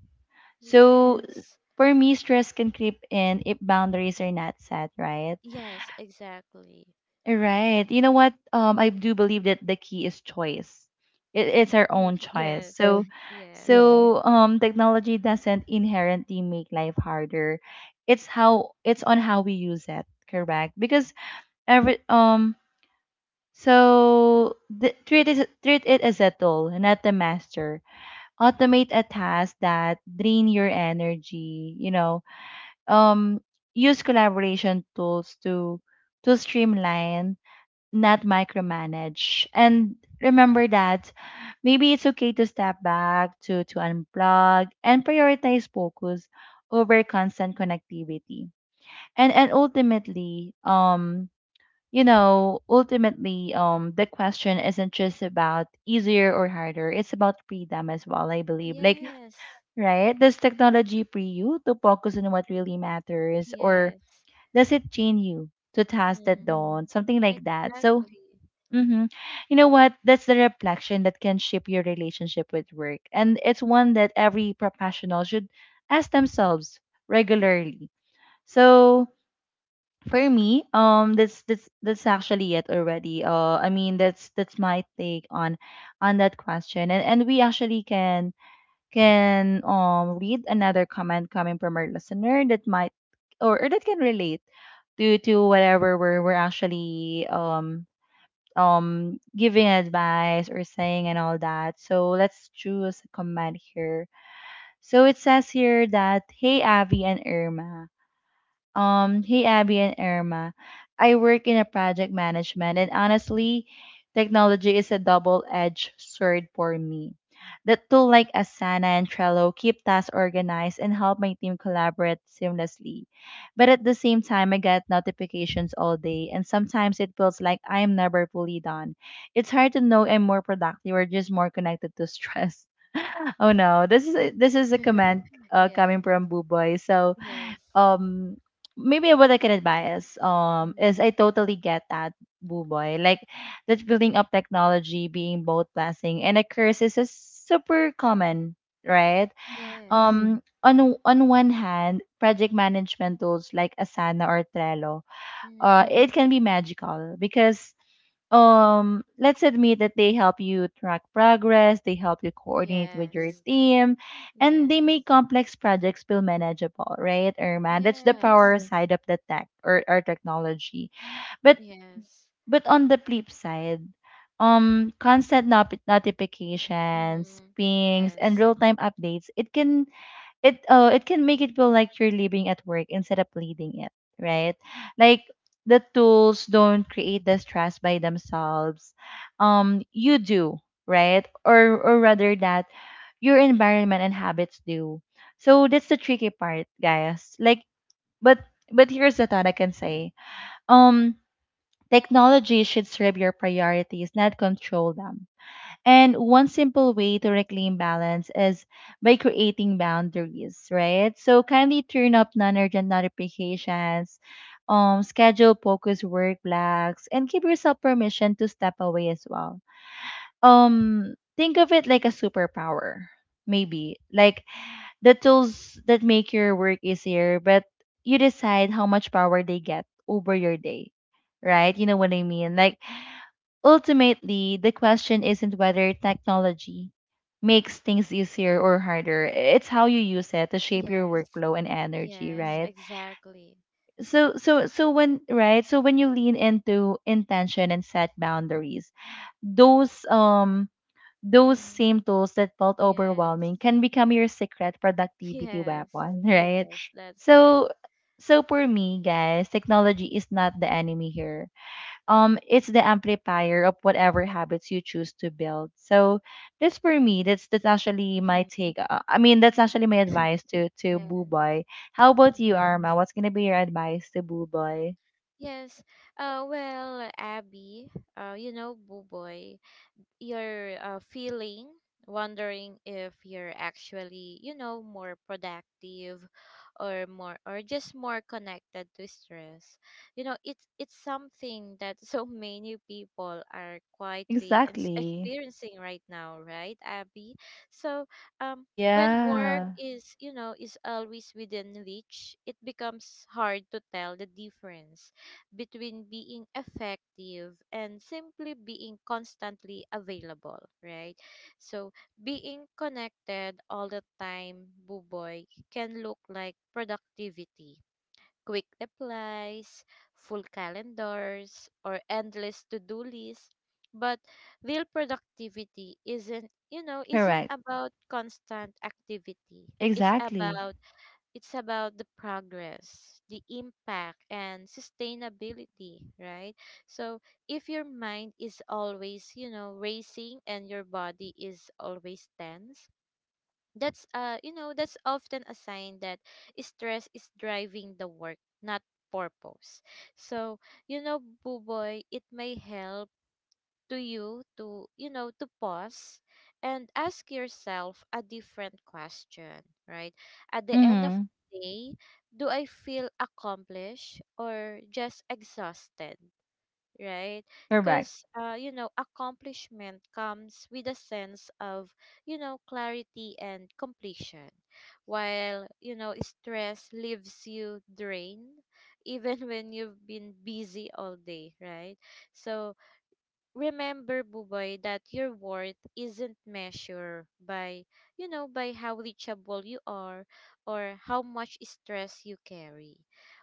Speaker 1: So
Speaker 2: Yes.
Speaker 1: for me, stress can creep in if boundaries are not set, right?
Speaker 2: Yes, exactly.
Speaker 1: Right. You know what? I do believe that the key is choice. It's our own choice.
Speaker 2: Yes.
Speaker 1: So, yeah.
Speaker 2: Yes.
Speaker 1: So technology doesn't inherently make life harder. It's how it's on how we use it, correct? Because every treat it as a tool, not the master. Automate a task that drain your energy. You know, um, use collaboration tools to streamline, not micromanage. And remember that maybe it's okay to step back, to unplug, and prioritize focus over constant connectivity. And ultimately, the question isn't just about easier or harder. It's about freedom as well, I believe. Like,
Speaker 2: Yes.
Speaker 1: right? Does technology free you to focus on what really matters, or
Speaker 2: Yes.
Speaker 1: does it chain you to tasks that
Speaker 2: Mm.
Speaker 1: don't something like that. So
Speaker 2: Exactly.
Speaker 1: hmm. You know what, that's the reflection that can shape your relationship with work, and it's one that every professional should ask themselves regularly. So for me, that's actually it already. I mean, that's my take on that question. And we actually can read another comment coming from our listener that might or that can relate to whatever we're actually giving advice or saying and all that. So let's choose a comment here. So it says here that, hey Avi and Irma. Hey Abby and Irma. I work in a project management and honestly, technology is a double-edged sword for me. The tool like Asana and Trello keep tasks organized and help my team collaborate seamlessly. But at the same time, I get notifications all day and sometimes it feels like I am never fully done. It's hard to know I'm more productive or just more connected to stress. Oh no, this is a comment coming
Speaker 2: Yes.
Speaker 1: from Buboy. So
Speaker 2: Yes.
Speaker 1: um maybe what I can advise is, I
Speaker 2: Mm.
Speaker 1: totally get that, boo boy, like that building up technology being both blessing and a curse is a super common, right? Mm.
Speaker 2: Yes.
Speaker 1: On on one hand, project management tools like Asana or Trello,
Speaker 2: Mm.
Speaker 1: it can be magical because let's admit that they help you track progress, they help you coordinate with your
Speaker 2: Yes.
Speaker 1: team and they make
Speaker 2: Yes.
Speaker 1: complex projects feel manageable, right Irma? That's the power,
Speaker 2: Yes.
Speaker 1: mm, side of the tech, or technology. but
Speaker 2: Yes.
Speaker 1: but on the flip side, constant notifications,
Speaker 2: Mm-hmm.
Speaker 1: pings and
Speaker 2: Yes.
Speaker 1: real-time updates, it can make it feel like you're living at work instead of leading it, right? Like, the tools don't create the stress by themselves, you do, right? Or rather that your environment and habits do. So that's the tricky part guys, like, but here's the thought I can say. Um, technology should serve your priorities, not control them. And one simple way to reclaim balance is by creating boundaries, right? So kindly turn up non-urgent notifications, schedule focus work blocks, and give yourself permission to step away as well. Think of it like a superpower, maybe like the tools that make your work easier, but you decide how much power they get over your day, right? You know what I mean? Like, ultimately, the question isn't whether technology makes things easier or harder. It's how you use it to shape your
Speaker 2: Yes.
Speaker 1: workflow and energy,
Speaker 2: Yes.
Speaker 1: right?
Speaker 2: Exactly.
Speaker 1: So when right, so when you lean into intention and set boundaries, those um those
Speaker 2: Mm-hmm.
Speaker 1: same tools that felt
Speaker 2: Yes.
Speaker 1: overwhelming can become your secret productivity
Speaker 2: Yes.
Speaker 1: weapon, right?
Speaker 2: Yes. That's right.
Speaker 1: So for me, guys, technology is not the enemy here, it's the amplifier of whatever habits you choose to build. So this for me, that's actually my
Speaker 2: Mhm.
Speaker 1: take. I mean, that's actually my advice to
Speaker 2: Yes,
Speaker 1: boo boy. How about you,
Speaker 2: yes,
Speaker 1: Arma? What's gonna be your advice to boo boy?
Speaker 2: yes. Well, Abby, Buboy, you're feeling, wondering if you're actually, more productive or more or just more connected to stress. It's something that so many people are quietly
Speaker 1: Exactly.
Speaker 2: experiencing right now, right, Abby? So, um when work
Speaker 1: Yeah.
Speaker 2: is always within reach, it becomes hard to tell the difference between being effective and simply being constantly available, right? So, being connected all the time, Buboy, can look like productivity. Quick replies, full calendars, or endless to-do lists. But real productivity isn't, you know, isn't
Speaker 1: Correct.
Speaker 2: about constant activity. It's
Speaker 1: Exactly.
Speaker 2: about it's about the progress, the impact, and sustainability, right? So if your mind is always, racing, and your body is always tense, that's you know that's often a sign that stress is driving the work, not purpose. So, Buboy, it may help to you to, to pause and ask yourself a different question, right? At the end of
Speaker 1: Mm-hmm.
Speaker 2: the day, do I feel accomplished or just exhausted, right?
Speaker 1: Correct.
Speaker 2: Because accomplishment comes with a sense of, clarity and completion, while, stress leaves you drained, even when you've been busy all day, right? So, remember, Buboy, that your worth isn't measured by, how reachable you are, or how much stress you carry.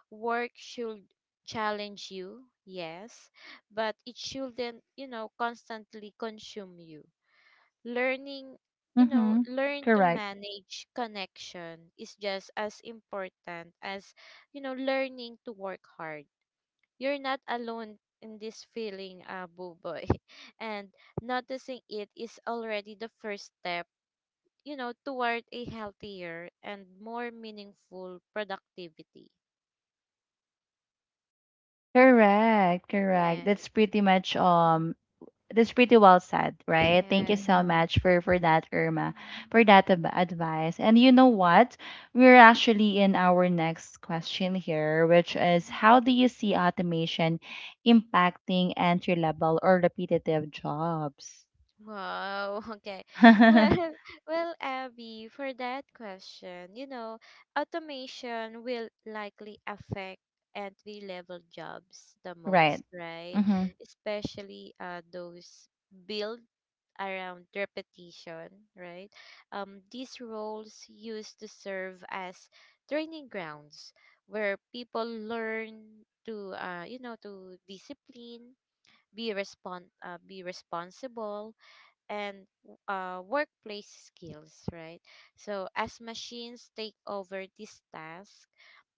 Speaker 2: Work should challenge you, yes, but it shouldn't, constantly consume you. Learning you know
Speaker 1: Mm-hmm.
Speaker 2: Learn to
Speaker 1: Correct.
Speaker 2: manage connection is just as important as, learning to work hard. You're not alone in this feeling, Boo Boy. And noticing it is already the first step, toward a healthier and more meaningful productivity.
Speaker 1: Correct.
Speaker 2: Yeah.
Speaker 1: That's pretty much
Speaker 2: Yeah.
Speaker 1: that's pretty well said, right? Thank you
Speaker 2: Yes.
Speaker 1: so much for that, Irma,
Speaker 2: Mhm.
Speaker 1: for that advice. And you know what? We're actually in our next question here, which is,
Speaker 2: Mhm.
Speaker 1: how do you see automation impacting entry level or repetitive jobs?
Speaker 2: Wow, okay. Well, well, Abby, for that question, automation will likely affect entry-level jobs the
Speaker 1: Right.
Speaker 2: most, right?
Speaker 1: Mm-hmm.
Speaker 2: Especially those built around repetition, right? These roles used to serve as training grounds where people learn to discipline, be be responsible, and workplace skills, right? So, as machines take over this task,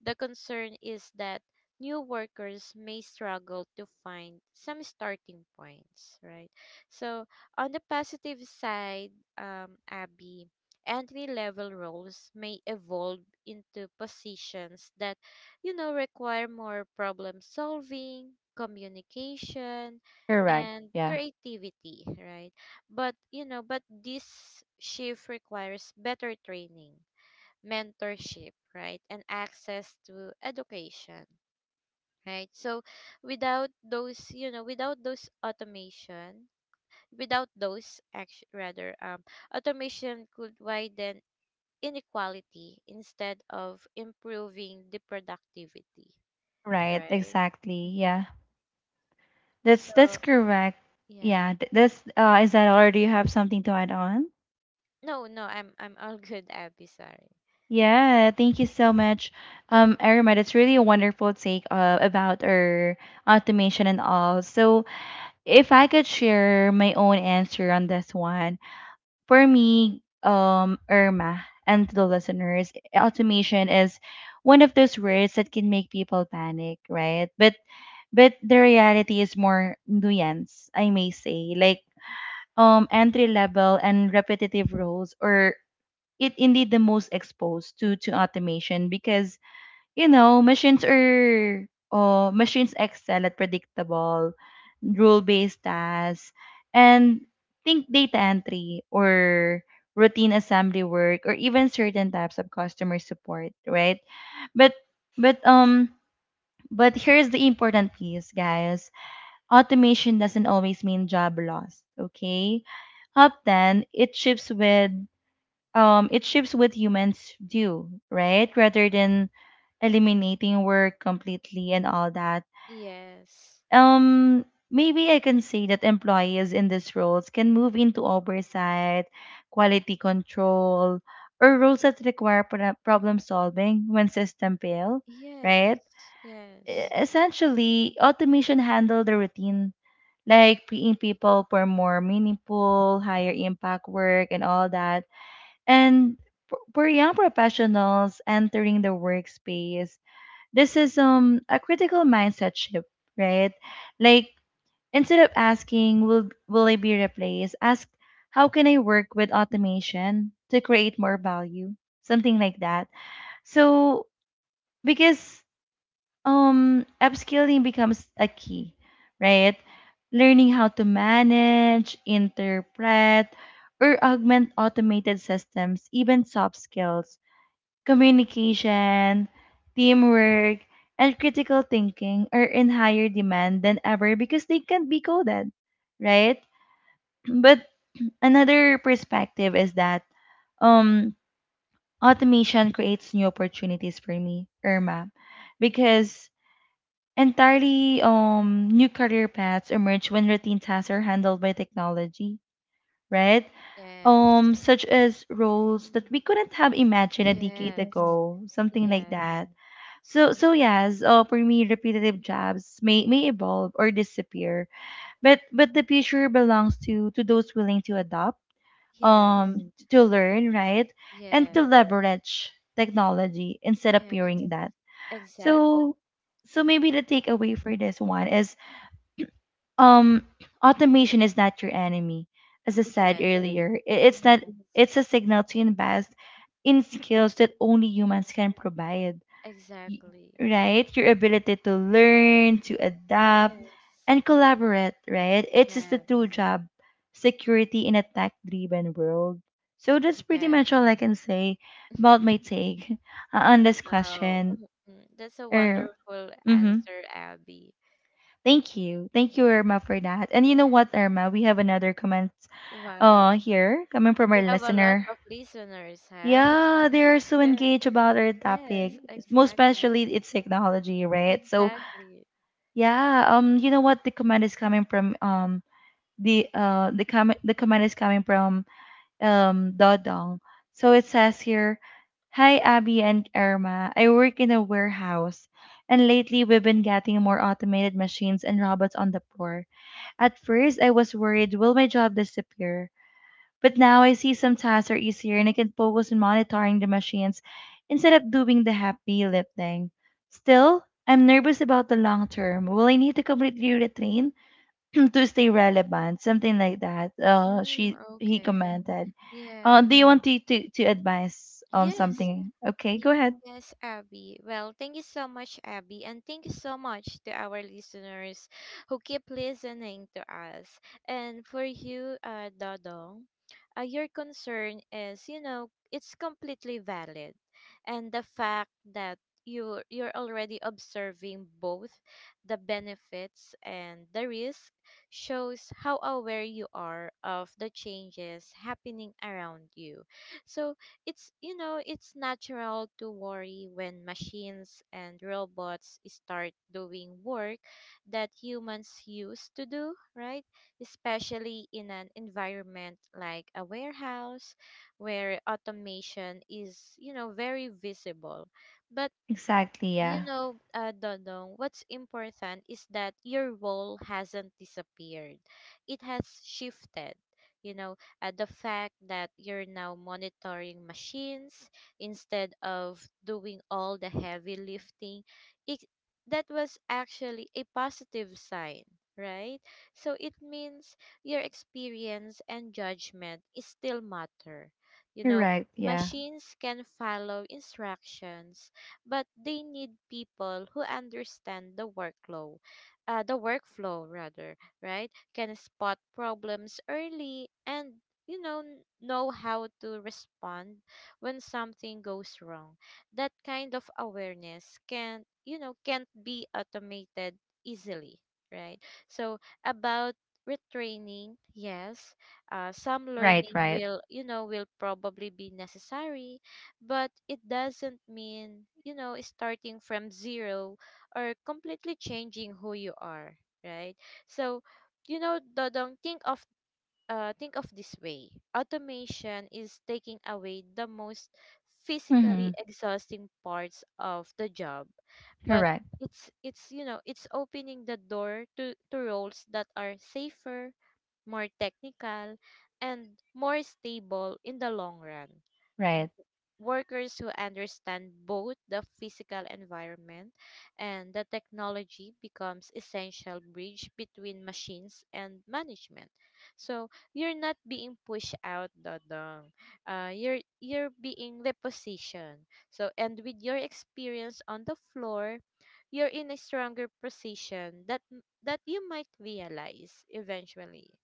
Speaker 2: the concern is that new workers may struggle to find some starting points, right? So, on the positive side, Abby, entry level roles may evolve into positions that, require more problem solving, communication,
Speaker 1: Correct.
Speaker 2: and
Speaker 1: Yeah.
Speaker 2: creativity, right? But, this shift requires better training, mentorship, right? And access to education, right? So without those automation, without those action, rather, automation could widen inequality instead of improving the productivity,
Speaker 1: Right.
Speaker 2: right?
Speaker 1: Exactly.
Speaker 2: Mm-hmm.
Speaker 1: Yeah. That's
Speaker 2: So,
Speaker 1: correct.
Speaker 2: yeah.
Speaker 1: Yeah. Th- that's is that all? Do you have something to add on?
Speaker 2: No, no, I'm all good, Abby, sorry.
Speaker 1: Yeah, thank you so much. Aramid, it's really a wonderful take about our automation and all. So, if I could share my own answer on this one, for me, Irma, and to the listeners, automation is one of those words that can make people panic, right? But the reality is more nuance, I may say, like, entry level and repetitive roles, or it indeed the most exposed to automation because, you know, machines are, machines excel at predictable rule based tasks. And think data entry or routine assembly work or even certain types of customer support, right? But but um but here's the important piece guys, automation doesn't always mean job loss, okay? Often it shifts with, it shifts what humans do, right? Rather than eliminating work completely and all that.
Speaker 2: Yes.
Speaker 1: Um, Maybe I can say that employees in these roles can move into oversight, quality control, or roles that require problem solving when system fail, right?
Speaker 2: Yes,
Speaker 1: E- Essentially, automation handle the routine, like freeing people for more meaningful, higher impact work and all that. And for young professionals entering the workspace, this is a critical mindset shift, right? Like, instead of asking will I be replaced, ask, how can I work with automation to create more value? Something like that. So because upskilling becomes a key, right? Learning how to manage, interpret, or augment automated systems, even soft skills, communication, teamwork, and critical thinking are in higher demand than ever because they can't be coded, right? But another perspective is that um automation creates new opportunities for me, Irma, because entirely new career paths emerge when routine tasks are handled by technology, right?
Speaker 2: yes,
Speaker 1: Such as
Speaker 2: mm,
Speaker 1: roles that we couldn't have imagined a decade
Speaker 2: yes,
Speaker 1: ago, something like
Speaker 2: yes,
Speaker 1: that. So
Speaker 2: mm,
Speaker 1: yes, for me repetitive
Speaker 2: mm,
Speaker 1: jobs may evolve or disappear, but the future belongs to those willing to adopt,
Speaker 2: yes,
Speaker 1: to learn, right? And to
Speaker 2: yes,
Speaker 1: leverage technology instead of
Speaker 2: yes,
Speaker 1: fearing that.
Speaker 2: exactly,
Speaker 1: So maybe the takeaway for this one is, um automation is not your enemy. As I
Speaker 2: yes,
Speaker 1: said earlier, it's not,
Speaker 2: yes,
Speaker 1: it's a signal to invest in skills that only
Speaker 2: mm,
Speaker 1: humans can provide. Y-
Speaker 2: exactly,
Speaker 1: right, your ability to learn, to adapt
Speaker 2: yes,
Speaker 1: and collaborate, right? It's just the
Speaker 2: yes,
Speaker 1: true job security in a tech driven world. So that's pretty
Speaker 2: yes.
Speaker 1: much all I can say about my take on this
Speaker 2: Wow,
Speaker 1: question.
Speaker 2: mm, mm. That's a
Speaker 1: er,
Speaker 2: wonderful
Speaker 1: mhm.
Speaker 2: answer, Abby.
Speaker 1: Thank you. Thank you, Irma, for that. And you know
Speaker 2: Yeah.
Speaker 1: what, Irma? We have another comment
Speaker 2: Wow,
Speaker 1: here coming from our
Speaker 2: we have a lot
Speaker 1: listener.
Speaker 2: of listeners, huh?
Speaker 1: Yeah, they are so
Speaker 2: Yes,
Speaker 1: engaged about our
Speaker 2: yes,
Speaker 1: topic. Most
Speaker 2: exactly.
Speaker 1: especially it's technology, right? So
Speaker 2: Exactly.
Speaker 1: yeah, you know what, the comment is coming from the comment is coming from Dodong. So it says here, hi Abby and Irma. I
Speaker 2: Mm,
Speaker 1: work in a warehouse and lately we've been getting more automated machines and robots on the floor. At first, I was worried, will my job disappear? But now I see some tasks are easier and I can focus on monitoring the machines instead of doing the happy lip thing. Still, I'm nervous about the long term. Will I need to completely retrain to stay relevant? Something like that.
Speaker 2: mm,
Speaker 1: She he
Speaker 2: okay.
Speaker 1: commented.
Speaker 2: Yes.
Speaker 1: Do you want to, advise
Speaker 2: Yes.
Speaker 1: something? Okay,
Speaker 2: Y-
Speaker 1: go ahead.
Speaker 2: Yes, Abby. Well, thank you so much, Abby, and thank you so much to our listeners who keep listening to us. And for you, Dodong, your concern is, it's completely valid, and the fact that you're already observing both the benefits and the risk shows how aware you are of the changes happening around you. So it's natural to worry when machines and robots start doing work that humans used to do, right? Especially in an environment like a warehouse where automation is, very visible. But
Speaker 1: Exactly, yeah.
Speaker 2: Dodong, what's important is that your role hasn't disappeared. It has shifted. You know, the fact that you're now monitoring machines instead of doing all the heavy lifting, it, that was actually a positive sign, right? So it means your experience and judgment is still matter. You
Speaker 1: You're
Speaker 2: know,
Speaker 1: right, yeah.
Speaker 2: machines can follow instructions but they need people who understand the workflow, the workflow, right? Can spot problems early and know how to respond when something goes wrong. That kind of awareness can't be automated easily, right? So about retraining, yes, some
Speaker 1: Right,
Speaker 2: learning
Speaker 1: right.
Speaker 2: will will probably be necessary but it doesn't mean, starting from zero or completely changing who you are, right? So, you know, Dodong, think of think of this way. Automation is taking away the most physically
Speaker 1: Mm-hmm.
Speaker 2: exhausting parts of the job, but
Speaker 1: Correct.
Speaker 2: it's it's opening the door to roles that are safer more technical, and more stable in the long run.
Speaker 1: Right.
Speaker 2: W-
Speaker 1: Right.
Speaker 2: Workers who understand both the physical environment and the technology becomes essential bridge between machines and management. So you're not being pushed out, Dodong. You're being repositioned. So and with your experience on the floor, you're in a stronger position that you might realize eventually.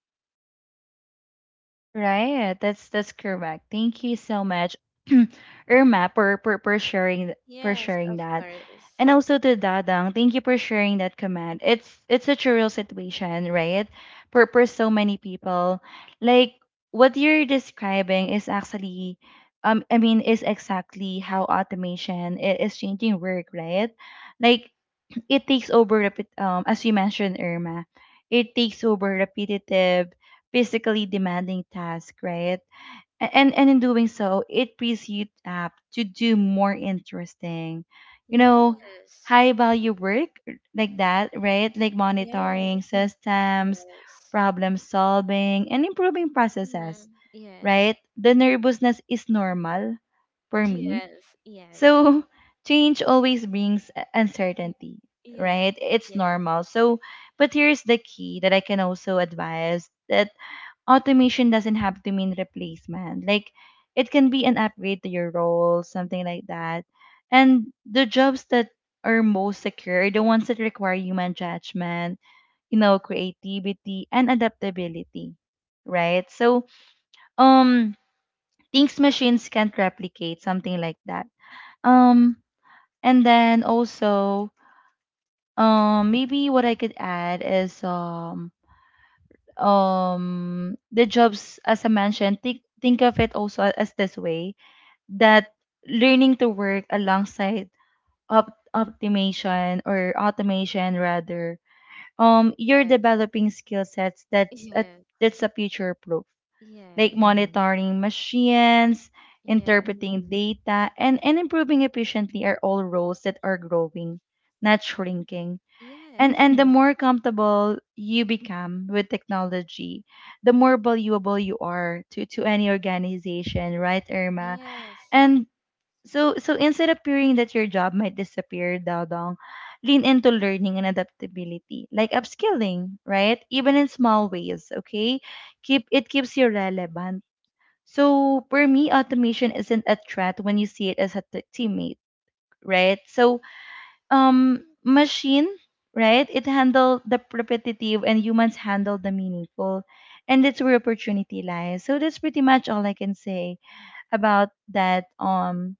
Speaker 1: Right, that's correct. Thank you so much, Irma, for, sharing
Speaker 2: Yes, of
Speaker 1: that,
Speaker 2: course.
Speaker 1: and also to Dadang, thank you for sharing that comment. It's such a real situation, right? For so many people, like what you're describing is actually, I mean, is exactly how automation is changing work, right? Like, it takes over repeat, as you mentioned Irma, it takes over repetitive, physically demanding tasks, right? A- And in doing so, it frees you up to do more interesting, you know,
Speaker 2: Yes.
Speaker 1: high value work like that, right? Like
Speaker 2: Yes.
Speaker 1: monitoring systems,
Speaker 2: Yes.
Speaker 1: problem solving, and improving processes,
Speaker 2: Hmm. Yes.
Speaker 1: right? The nervousness is normal for me,
Speaker 2: Yes. Yes.
Speaker 1: so change always brings
Speaker 2: Mm.
Speaker 1: uncertainty,
Speaker 2: Yes.
Speaker 1: right? It's
Speaker 2: Yes.
Speaker 1: normal. So, but here's the key that I can also advise, that automation doesn't have to mean replacement. Like, it can be an upgrade to your role, something like that. And the jobs that are most secure are the ones that require human judgment, you know, creativity and adaptability, right? So, um, things machines can't replicate, something like that. Um, and then also, maybe what I could add is the jobs, as I mentioned, think of it also as this way, that learning to work alongside optimization, or automation rather, you're
Speaker 2: Yes.
Speaker 1: developing skill sets that's a
Speaker 2: Yes.
Speaker 1: future proof, like, mm-hmm, monitoring machines,
Speaker 2: Yes.
Speaker 1: interpreting, mm-hmm, data, and improving efficiently are all roles that are growing, not shrinking. And
Speaker 2: Yes.
Speaker 1: the more comfortable you become with technology, the more valuable you are to any organization, right Irma?
Speaker 2: Yes.
Speaker 1: And so instead of fearing that your job might disappear, Dong, lean into learning and adaptability, like upskilling, right? Even in small ways, okay? Keep it keeps you relevant. So for me, automation isn't a threat when you see it as a teammate, right? So machine, right, it handle the repetitive and humans handle the meaningful, and that's where opportunity lies. So that's pretty much all I can say about that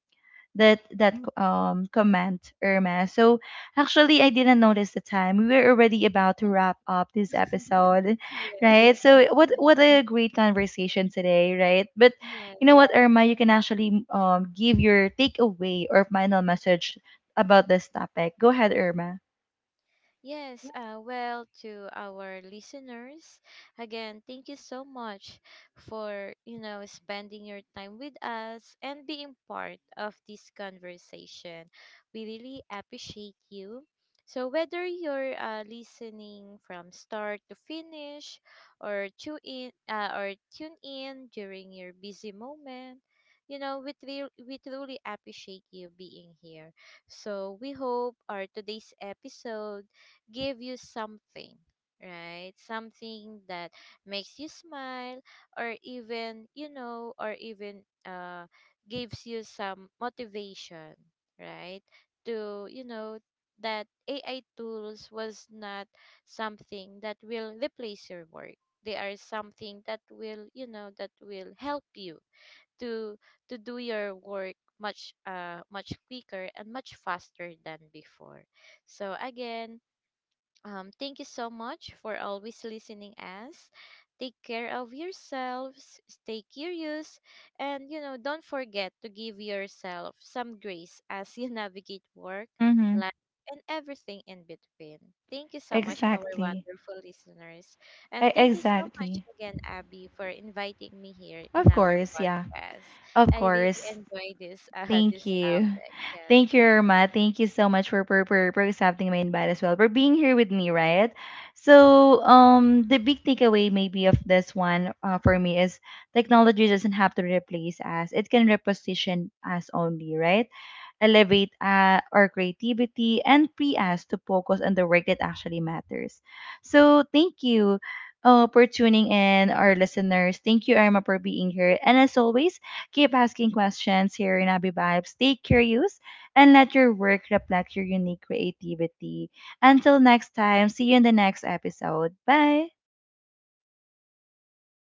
Speaker 1: that that comment, Irma. So actually, I didn't notice the time. We were already about to wrap up this
Speaker 2: Yes.
Speaker 1: episode, right?
Speaker 2: Yes.
Speaker 1: So what a great conversation today, right? But
Speaker 2: Yes,
Speaker 1: you know what, Irma, you can actually give your takeaway or final message about this topic. Go ahead, Irma.
Speaker 2: Yes, well, to our listeners, again, thank you so much for, you know, spending your time with us and being part of this conversation. We really appreciate you. So, whether you're listening from start to finish or tune in, or tune in during your busy moment, you know, we, we truly appreciate you being here. So we hope our today's episode give you something, right? Something that makes you smile or even, you know, or even gives you some motivation, right? To, you know, that AI tools was not something that will replace your work. They are something that will, you know, that will help you to do your work much quicker and much faster than before. So again, thank you so much for always listening us. Take care of yourselves, stay curious, and you know, don't forget to give yourself some grace as you navigate work,
Speaker 1: Mm-hmm.
Speaker 2: life, and everything in between. Thank you so much, our
Speaker 1: Exactly.
Speaker 2: wonderful listeners. And
Speaker 1: E-
Speaker 2: thank you so much
Speaker 1: exactly.
Speaker 2: again, Abby, for inviting me here in
Speaker 1: Of
Speaker 2: our
Speaker 1: course, yeah.
Speaker 2: podcast.
Speaker 1: Of
Speaker 2: I really
Speaker 1: course.
Speaker 2: enjoy this
Speaker 1: Thank
Speaker 2: this
Speaker 1: you.
Speaker 2: topic. Yes.
Speaker 1: Thank you, Irma. Thank you so much for, accepting my invite as well, for being here with me, right? So, the big takeaway maybe of this one, for me is, technology doesn't have to replace us. It can reposition us only, right? Elevate our creativity, and free us to focus on the work that actually matters. So, thank you for tuning in, our listeners. Thank you, Irma, for being here. And as always, keep asking questions here in Abby Vibes. Stay curious and let your work reflect your unique creativity. Until next time, see you in the next episode. Bye.